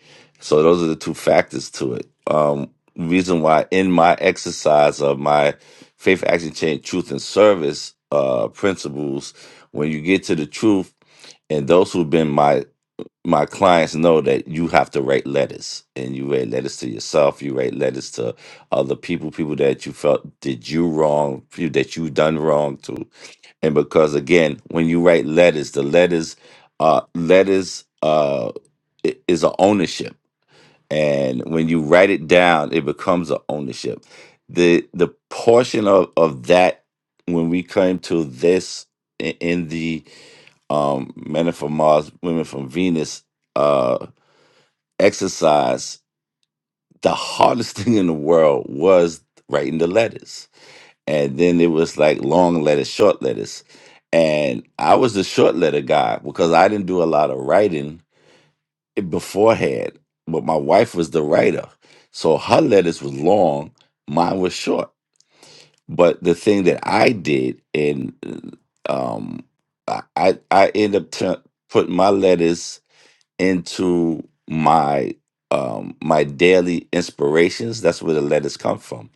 [SPEAKER 9] so those are the two factors to it um reason why in my exercise of my faith action change truth and service uh principles when you get to the truth and those who've been my my clients know that you have to write letters and you write letters to yourself you write letters to other people people that you felt did you wrong people that you done wrong to and because again when you write letters the letters uh letters uh i- is a ownership and when you write it down it becomes a ownership the the portion of of that when we came to this i- in the um men are from mars women from venus uh, exercise, the hardest thing in the world was writing the letters. And then it was like long letters, short letters. And I was the short letter guy because I didn't do a lot of writing beforehand, but my wife was the writer. So her letters was long, mine was short. But the thing that I did, and um, I I I end up tu- putting my letters into my um my daily inspirations that's where the letters come from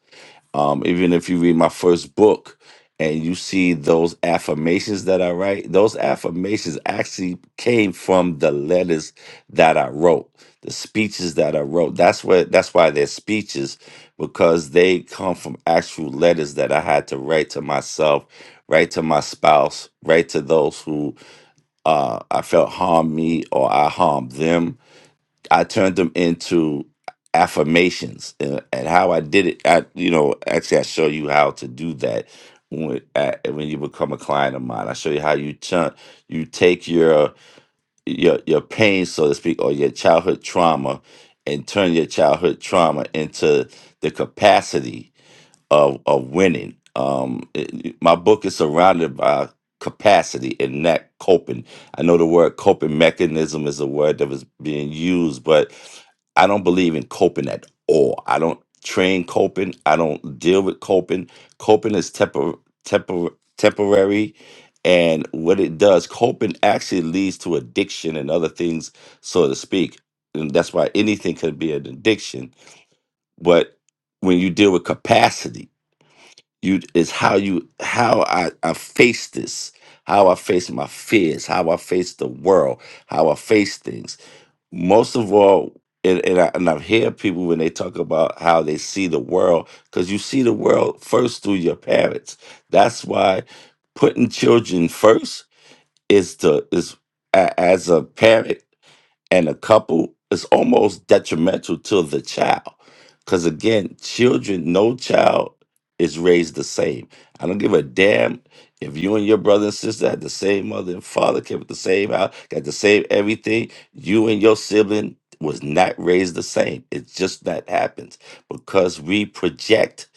[SPEAKER 9] um even if you read my first book and you see those affirmations that i write those affirmations actually came from the letters that i wrote the speeches that i wrote that's what that's why they're speeches because they come from actual letters that i had to write to myself write to my spouse write to those who uh, i felt harmed me or i harmed them I turned them into affirmations, and, and how I did it. I, you know, actually, I show you how to do that when at, when you become a client of mine. I show you how you turn, you take your your your pain, so to speak, or your childhood trauma, and turn your childhood trauma into the capacity of of winning. Um, it- it- my book is surrounded by capacity and not coping. I know the word coping mechanism is a word that was being used, but I don't believe in coping at all. I don't train coping. I don't deal with coping. Coping is tempor- tempor- temporary. And what it does, coping actually leads to addiction and other things, so to speak. And that's why anything could be an addiction. But when you deal with capacity, you is how you how I, I face this how i face my fears how i face the world how i face things most of all and, and, I, and i hear people when they talk about how they see the world because you see the world first through your parents that's why putting children first is the is a- as a parent and a couple is almost detrimental to the child because again children no child is raised the same i don't give a damn if you and your brother and sister had the same mother and father came with the same house got the same everything you and your sibling was not raised the same it's just that happens because we project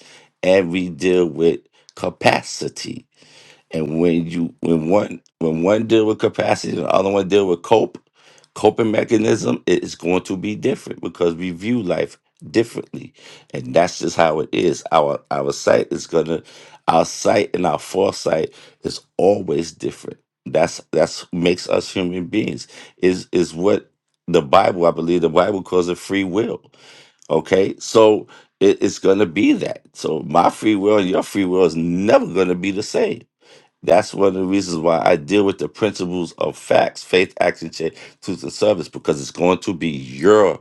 [SPEAKER 9] and we deal with capacity and when you when one when one deal with capacity and the other one deal with cope, coping mechanism, it is going to be different because we view life differently. And that's just how it is. Our our sight is gonna our sight and our foresight is always different. That's that's makes us human beings. Is is what the Bible, I believe the Bible calls it free will. Okay. So it, it's gonna be that. So my free will and your free will is never gonna be the same that's one of the reasons why I deal with the principles of facts, faith, action, change, truth, and service, because it's going to be your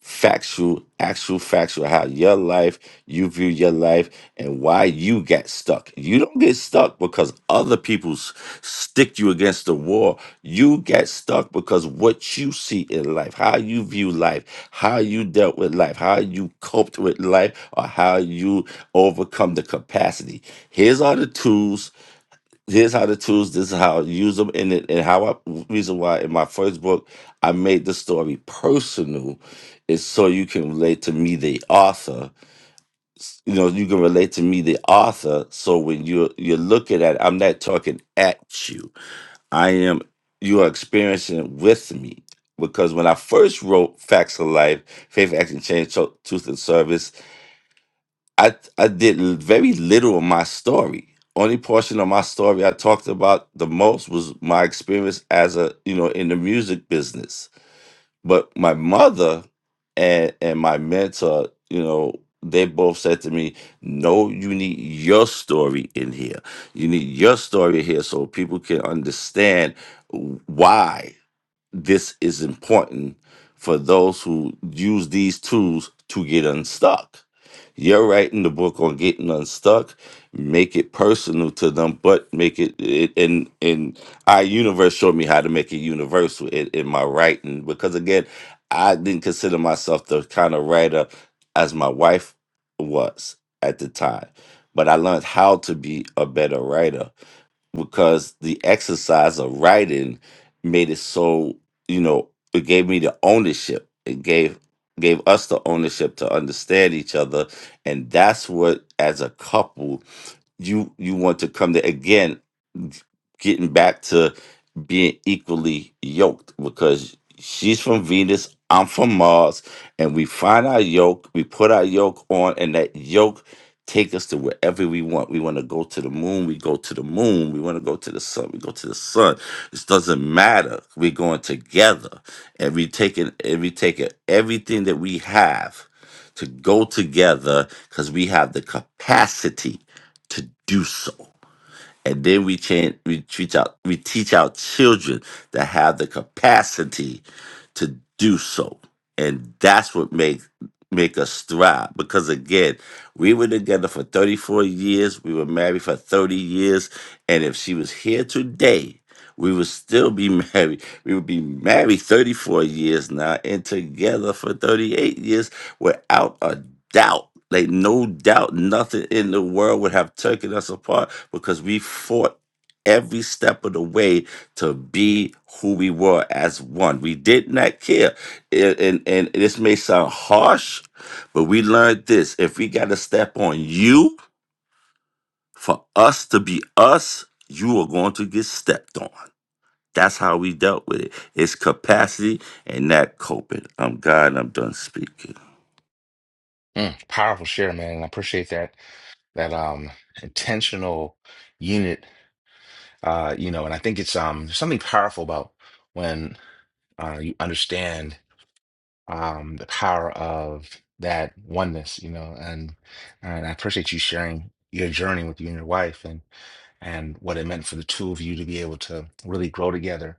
[SPEAKER 9] factual, actual, factual, how your life, you view your life, and why you get stuck. You don't get stuck because other people s- stick you against the wall. You get stuck because what you see in life, how you view life, how you dealt with life, how you coped with life, or how you overcome the capacity. Here's all the tools here's how the tools this is how I use them and it and how I reason why in my first book I made the story personal is so you can relate to me the author S- you know you can relate to me the author so when you're you're looking at I'm not talking at you I am you are experiencing it with me because when I first wrote Facts of Life Faith Action Change Tru- Truth and Service I I did l- very little of my story. Only portion of my story I talked about the most was my experience as a you know in the music business. But my mother and and my mentor, you know, they both said to me, "No, you need your story in here. You need your story here so people can understand why." this is important for those who use these tools to get unstuck. You're writing the book on getting unstuck. Make it personal to them, but make it, it and and our universe showed me how to make it universal in, in my writing because again, I didn't consider myself the kind of writer as my wife was at the time, but I learned how to be a better writer because the exercise of writing made it so you know it gave me the ownership it gave gave us the ownership to understand each other and that's what as a couple you you want to come to again getting back to being equally yoked because she's from Venus, I'm from Mars, and we find our yoke, we put our yoke on, and that yoke take us to wherever we want. We want to go to the moon, we go to the moon. We want to go to the sun, we go to the sun. This doesn't matter. We're going together. And we taking and we taking everything that we have to go together because we have the capacity to do so and then we can we teach out we teach our children that have the capacity to do so and that's what makes make us thrive because again we were together for 34 years we were married for 30 years and if she was here today we would still be married we would be married 34 years now and together for 38 years without a doubt like no doubt nothing in the world would have taken us apart because we fought every step of the way to be who we were as one. We did not care. And, and, and this may sound harsh, but we learned this. If we got to step on you for us to be us, you are going to get stepped on. That's how we dealt with it. It's capacity and not coping. I'm God and I'm done speaking.
[SPEAKER 1] Mm, powerful share, man. And I appreciate that that um intentional unit. Uh, you know, and I think it's um there's something powerful about when uh you understand. um, the power of that oneness, you know, and and I appreciate you sharing your journey with you and your wife and and what it meant for the two of you to be able to really grow together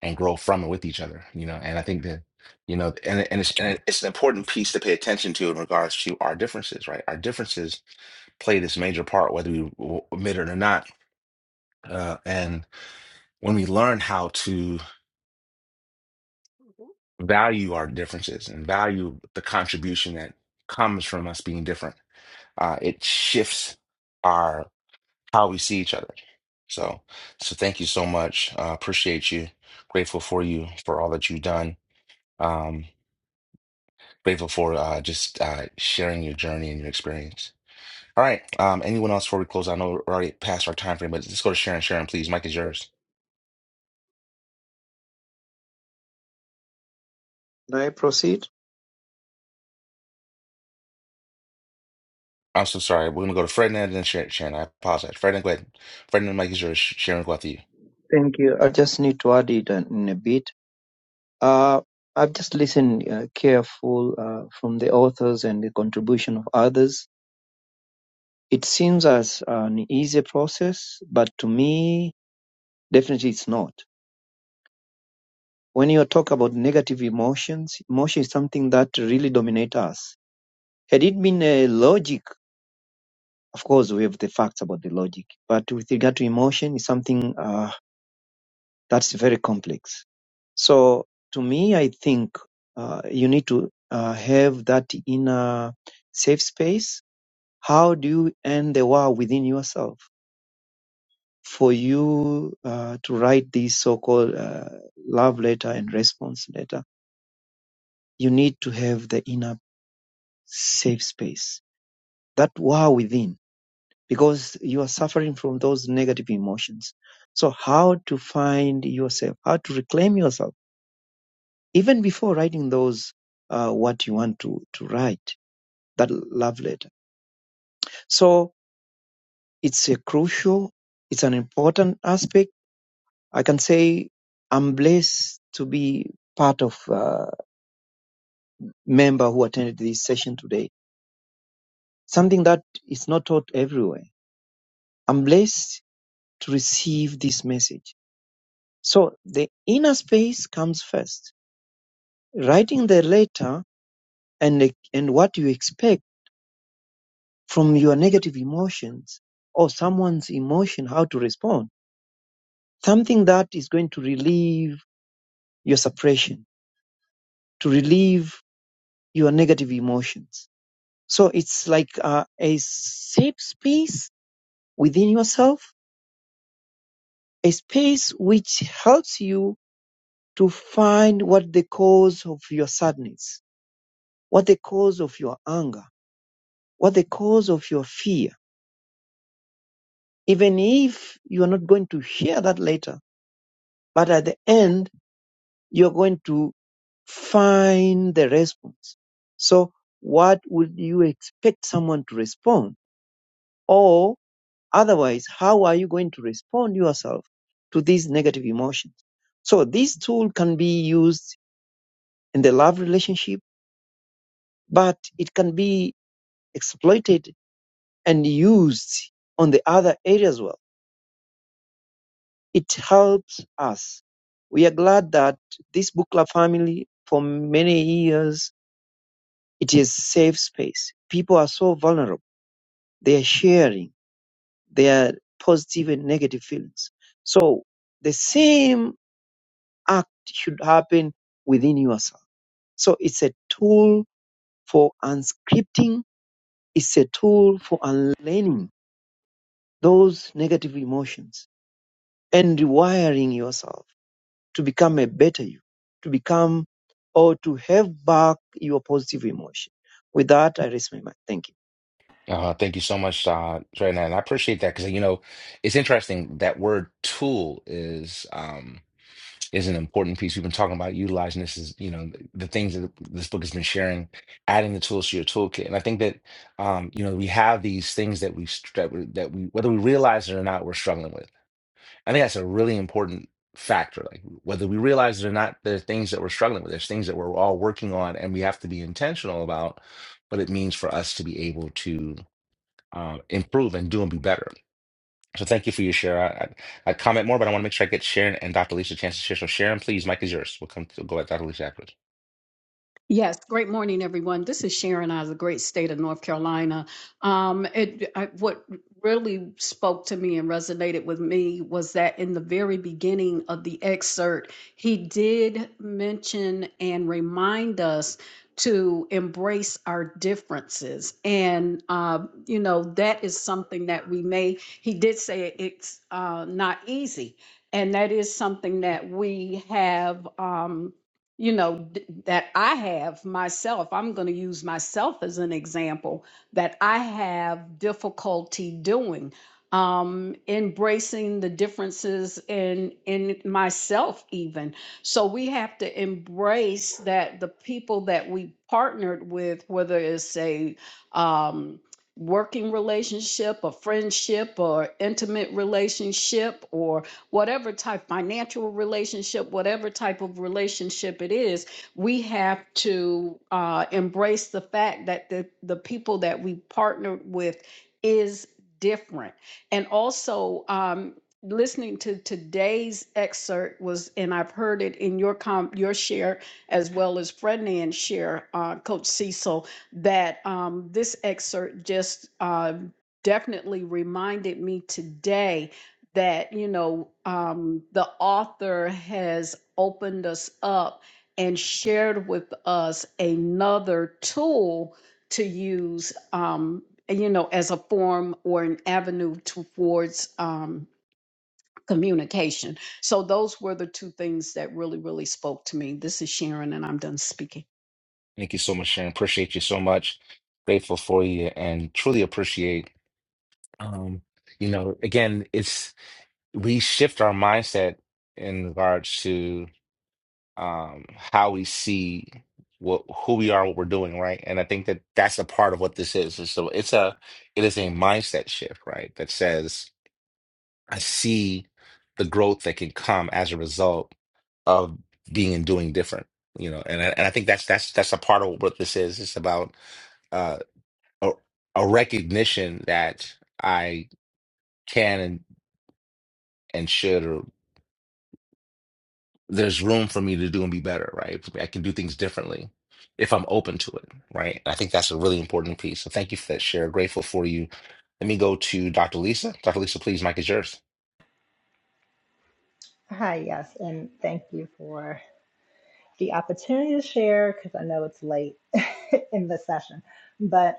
[SPEAKER 1] and grow from and with each other, you know. And I think that, you know, and and it's and it's an important piece to pay attention to in regards to our differences, right? Our differences play this major part, whether we w- admit it or not. Uh, and when we learn how to value our differences and value the contribution that comes from us being different. Uh, it shifts our how we see each other. So, so thank you so much. Uh, appreciate you. Grateful for you for all that you've done. Um, grateful for uh, just uh, sharing your journey and your experience. All right. Um, anyone else before we close? I know we're already past our time frame, but let's go to Sharon. Sharon, please. Mike is yours.
[SPEAKER 8] Can I proceed?
[SPEAKER 1] I'm so sorry. We're gonna go to Fred and then Sharon. Sharon, I apologize. Fred, go ahead. Fred and Mike is yours. Sharon, go after you.
[SPEAKER 8] Thank you. I just need to add it in in a bit. Uh, I've just listened uh, careful uh, from the authors and the contribution of others. It seems as an easy process, but to me, definitely it's not when you talk about negative emotions, emotion is something that really dominates us. Had it been a logic, of course, we have the facts about the logic, but with regard to emotion, it's something uh, that's very complex. So, to me, I think uh, you need to uh, have that inner safe space. How do you end the war within yourself for you uh, to write this so-called uh, love letter and response letter? You need to have the inner safe space, that war within, because you are suffering from those negative emotions. So, how to find yourself, how to reclaim yourself, even before writing those uh, what you want to to write, that love letter. So, it's a crucial, it's an important aspect. I can say I'm blessed to be part of uh, member who attended this session today. Something that is not taught everywhere. I'm blessed to receive this message So the inner space comes first, writing the letter and and what you expect from your negative emotions or someone's emotion, how to respond. Something that is going to relieve your suppression, to relieve your negative emotions. So it's like uh, a safe space within yourself, a space which helps you to find what the cause of your sadness, what the cause of your anger what the cause of your fear, even if you are not going to hear that later. But at the end, you're going to find the response. So what would you expect someone to respond? Or otherwise, how are you going to respond yourself to these negative emotions? So this tool can be used in the love relationship, but it can be exploited and used on the other areas as well It helps us. We are glad that this book club family, for many years, it is safe space. People are so vulnerable. They are sharing their positive and negative feelings. So the same act should happen within yourself. So it's a tool for unscripting. It's a tool for unlearning those negative emotions and rewiring yourself to become a better you, to become or to have back your positive emotion. With that, I raise my mic. Thank you.
[SPEAKER 1] Uh, thank you so much, uh, Trina, and I appreciate that because you know it's interesting that word tool is um, is an important piece. We've been talking about utilizing this is you know the, the things that this book has been sharing, adding the tools to your toolkit, and I think that um, you know we have these things that we str- that we, that we whether we realize it or not, we're struggling with. I think that's a really important factor. Like whether we realize it or not, there are things that we're struggling with. There's things that we're all working on, and we have to be intentional about what it means for us to be able to uh, improve and do and be better. So thank you for your share. I, I, I comment more, but I want to make sure I get Sharon and Dr. Lisa a chance to share. So Sharon, please, Mike is yours. We'll come to go at Dr. Lisa afterwards.
[SPEAKER 4] Yes, great morning, everyone. This is Sharon out of the great state of North Carolina. Um, it I, what really spoke to me and resonated with me was that in the very beginning of the excerpt, he did mention and remind us to embrace our differences, and uh, you know that is something that we may. He did say it's uh, not easy, and that is something that we have. Um, you know d- that i have myself i'm going to use myself as an example that i have difficulty doing um embracing the differences in in myself even so we have to embrace that the people that we partnered with whether it's a um working relationship a friendship or intimate relationship or whatever type financial relationship, whatever type of relationship it is, we have to uh, embrace the fact that the, the people that we partner with is different. And also, um, listening to today's excerpt was, and I've heard it in your com- your share as well as Fred and share, uh, Coach Cecil, that um, this excerpt just uh, definitely reminded me today that you know um, the author has opened us up and shared with us another tool to use um, you know as a form or an avenue towards um, communication so those were the two things that really really spoke to me this is sharon and i'm done speaking
[SPEAKER 1] Thank you so much, Sharon. Appreciate you so much. Grateful for you and truly appreciate. Um, you know, again, it's we shift our mindset in regards to um how we see what who we are, what we're doing, right? And I think that that's a part of what this is. So it's a it is a mindset shift, right? That says I see the growth that can come as a result of being and doing different. You know, and I, and I think that's that's that's a part of what this is. It's about uh, a, a recognition that I can and and should, or there's room for me to do and be better. Right, I can do things differently if I'm open to it. Right, I think that's a really important piece. So thank you for that share. Grateful for you. Let me go to Dr. Lisa. Dr. Lisa, please, Mike is yours.
[SPEAKER 6] Hi, yes, and thank you for the opportunity to share because I know it's late in the session, but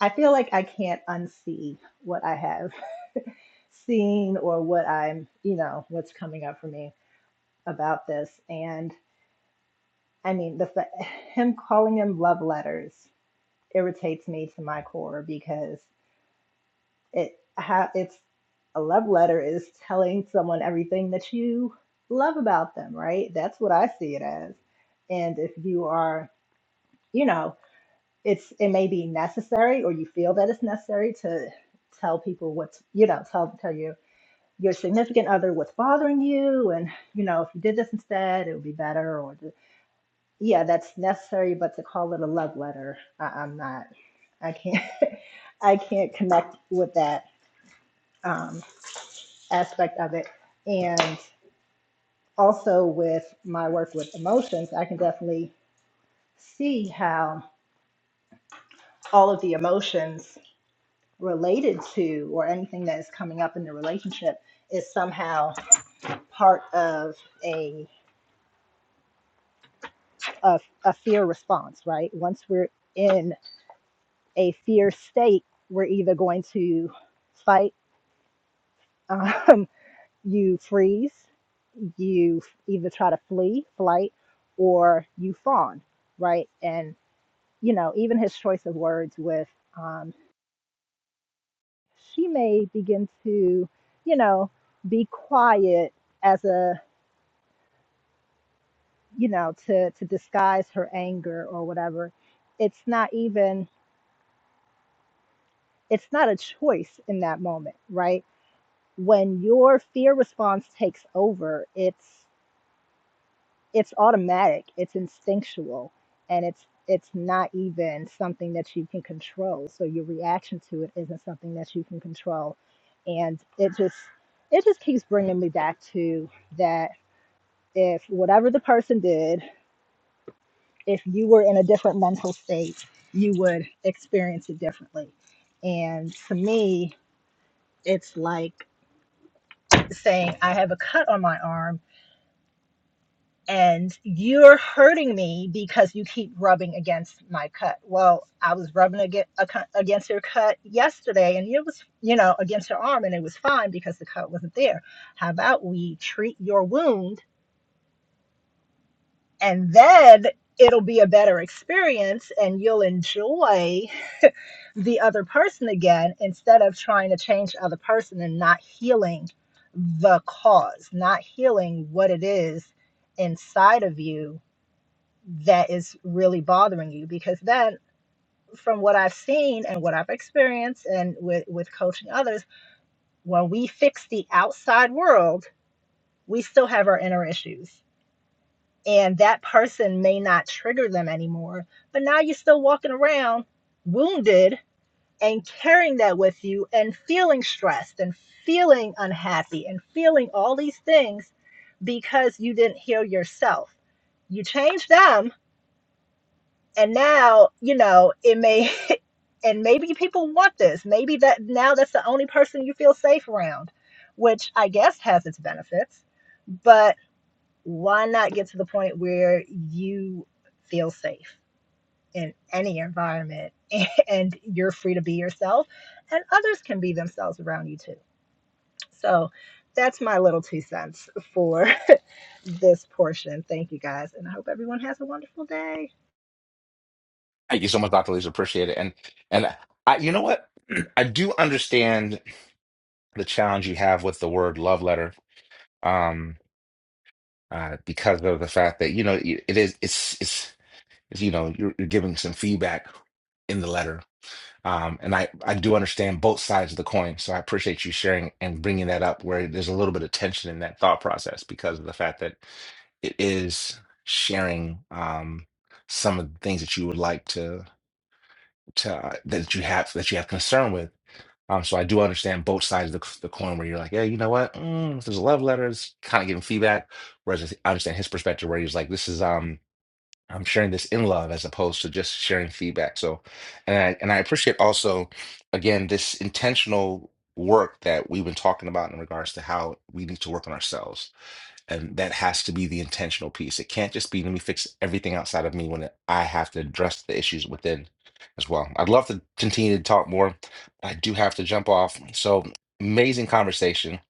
[SPEAKER 6] I feel like I can't unsee what I have seen or what I'm, you know, what's coming up for me about this. And I mean, the fa- him calling them love letters irritates me to my core because It how it's a love letter is telling someone everything that you love about them, right? That's what I see it as. And if you are, you know, it's it may be necessary or you feel that it's necessary to tell people what's, you know, tell tell your your significant other what's bothering you and, you know, if you did this instead, it would be better or the, yeah, that's necessary, but to call it a love letter, I, I'm not I can't I can't connect with that. Um, aspect of it. And also with my work with emotions, I can definitely see how all of the emotions related to or anything that is coming up in the relationship is somehow part of a, a, a fear response, right? Once we're in a fear state, we're either going to fight, um, you freeze, you either try to flee, flight, or you fawn, right? And you know, even his choice of words with, um, she may begin to, you know, be quiet as a, you know, to, to disguise her anger or whatever. It's not even, it's not a choice in that moment, right? When your fear response takes over, it's. it's automatic it's instinctual and it's it's not even something that you can control so your reaction to it isn't something that you can control and it just it just keeps bringing me back to that if whatever the person did if you were in a different mental state you would experience it differently and to me it's like saying i have a cut on my arm and you're hurting me because you keep rubbing against my cut. Well, I was rubbing against her cut yesterday, and it was, you know, against her arm, and it was fine because the cut wasn't there. How about we treat your wound, and then it'll be a better experience, and you'll enjoy the other person again instead of trying to change the other person and not healing the cause, not healing what it is inside of you that is really bothering you because then from what i've seen and what i've experienced and with, with coaching others when we fix the outside world we still have our inner issues and that person may not trigger them anymore but now you're still walking around wounded and carrying that with you and feeling stressed and feeling unhappy and feeling all these things because you didn't heal yourself you change them and now you know it may and maybe people want this maybe that now that's the only person you feel safe around which i guess has its benefits but why not get to the point where you feel safe in any environment and you're free to be yourself and others can be themselves around you too so that's my little two cents for this portion thank you guys and i hope everyone has a wonderful day
[SPEAKER 1] Thank you so much, Dr. Lisa. Appreciate it. And and I, you know what? I do understand the challenge you have with the word love letter, um, uh, because of the fact that you know it it is it's it's, it's you know you're, you're giving some feedback in the letter, um, and I I do understand both sides of the coin. So I appreciate you sharing and bringing that up where there's a little bit of tension in that thought process because of the fact that it is sharing um, some of the things that you would like to to uh, that you have that you have concern with Um, so I do understand both sides of the, the coin where you're like, yeah, you know what? Mm, this a love letter. It's kind of giving feedback. Whereas I understand his perspective where he's like, this is um, I'm sharing this in love as opposed to just sharing feedback. So, and I and I appreciate also, again, this intentional work that we've been talking about in regards to how we need to work on ourselves and that has to be the intentional piece. It can't just be let me fix everything outside of me when I have to address the issues within as well. I'd love to continue to talk more, but I do have to jump off. So amazing conversation.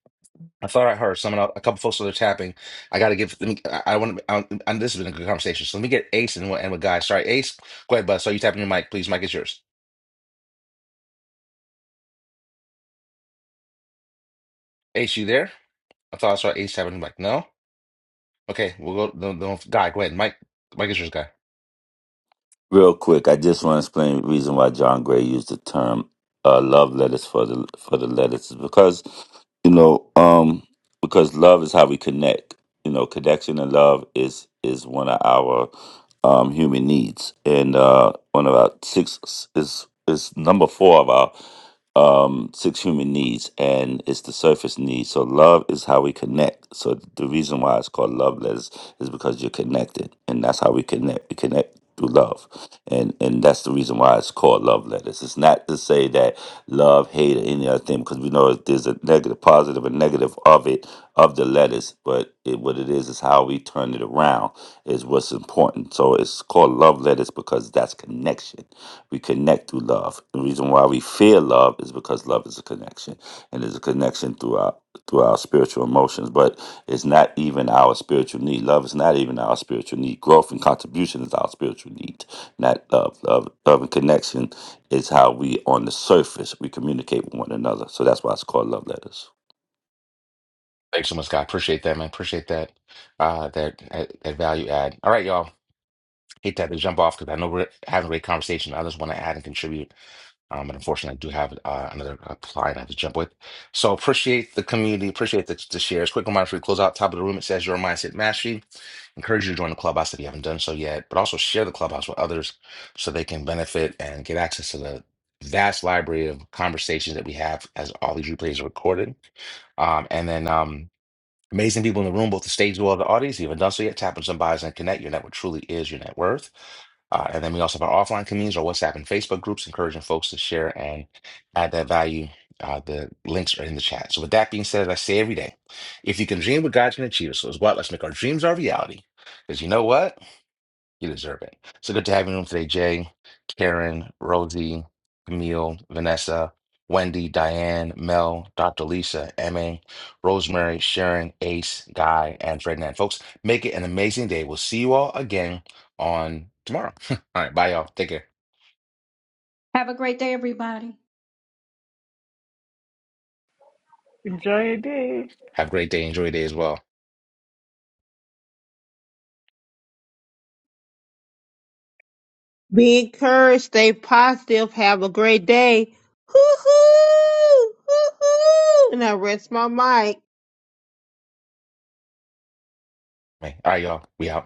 [SPEAKER 1] I thought I heard someone, else- a couple folks that are tapping. I got to give. Let me. I, I want to. I, I- this has been a good conversation. So let me get Ace and we'll end with Guy. Sorry, Ace. Go ahead, bud. So you tapping your mic, please. Mic is yours. Ace, you there? I thought I saw Ace tapping the mic. No. Okay, we'll go. No, no, Guy, go ahead. Mic. Mic is yours, Guy.
[SPEAKER 9] Real quick, I just want to explain the reason why John Gray used the term uh, love letters for the for the letters is because you know um because love is how we connect you know connection and love is is one of our um human needs and uh one of our six is is number four of our um, six human needs, and it's the surface needs. So love is how we connect. So the reason why it's called love letters is because you're connected, and that's how we connect. We connect through love, and and that's the reason why it's called love letters. It's not to say that love, hate, or any other thing, because we know there's a negative, positive, and negative of it of the letters. But it, what it is is how we turn it around is what's important. So it's called love letters because that's connection we connect through love. The reason why we feel love is because love is a connection, and there's a connection through our through our spiritual emotions. But it's not even our spiritual need. Love is not even our spiritual need. Growth and contribution is our spiritual need, not love. Love, love and connection is how we on the surface we communicate with one another. So that's why it's called love letters.
[SPEAKER 1] Thanks so much, Scott. Appreciate that, man. Appreciate that. Uh, that that that value add. All right, y'all. Hate to have to jump off because I know we're having a great conversation. Others want to add and contribute. Um, but unfortunately, I do have uh, another uh, client I have to jump with. So appreciate the community. Appreciate the, the shares. Quick reminder: before we close out top of the room. It says your mindset mastery. Encourage you to join the clubhouse if you haven't done so yet. But also share the clubhouse with others so they can benefit and get access to the vast library of conversations that we have as all these replays are recorded. Um, and then. Um, Amazing people in the room, both the stage as well as the audience. If you haven't done so yet, tap on some bios and connect. Your network truly is your net worth. Uh, and then we also have our offline communities, our WhatsApp and Facebook groups, encouraging folks to share and add that value. Uh, the links are in the chat. So, with that being said, as I say every day, if you can dream what God can achieve, so as what, let's make our dreams our reality. Because you know what? You deserve it. So good to have you on today, Jay, Karen, Rosie, Camille, Vanessa, Wendy, Diane, Mel, Dr. Lisa, Emma, Rosemary, Sharon, Ace, Guy, and Ferdinand. Folks, make it an amazing day. We'll see you all again on tomorrow. all right, bye, y'all. Take care.
[SPEAKER 4] Have a
[SPEAKER 3] Enjoy your day.
[SPEAKER 1] Have a great day. Enjoy your day as well.
[SPEAKER 2] Be encouraged, stay positive, have a great day. Hoo hoo hoo hoo and I rest my mic.
[SPEAKER 1] All right, y'all. We out.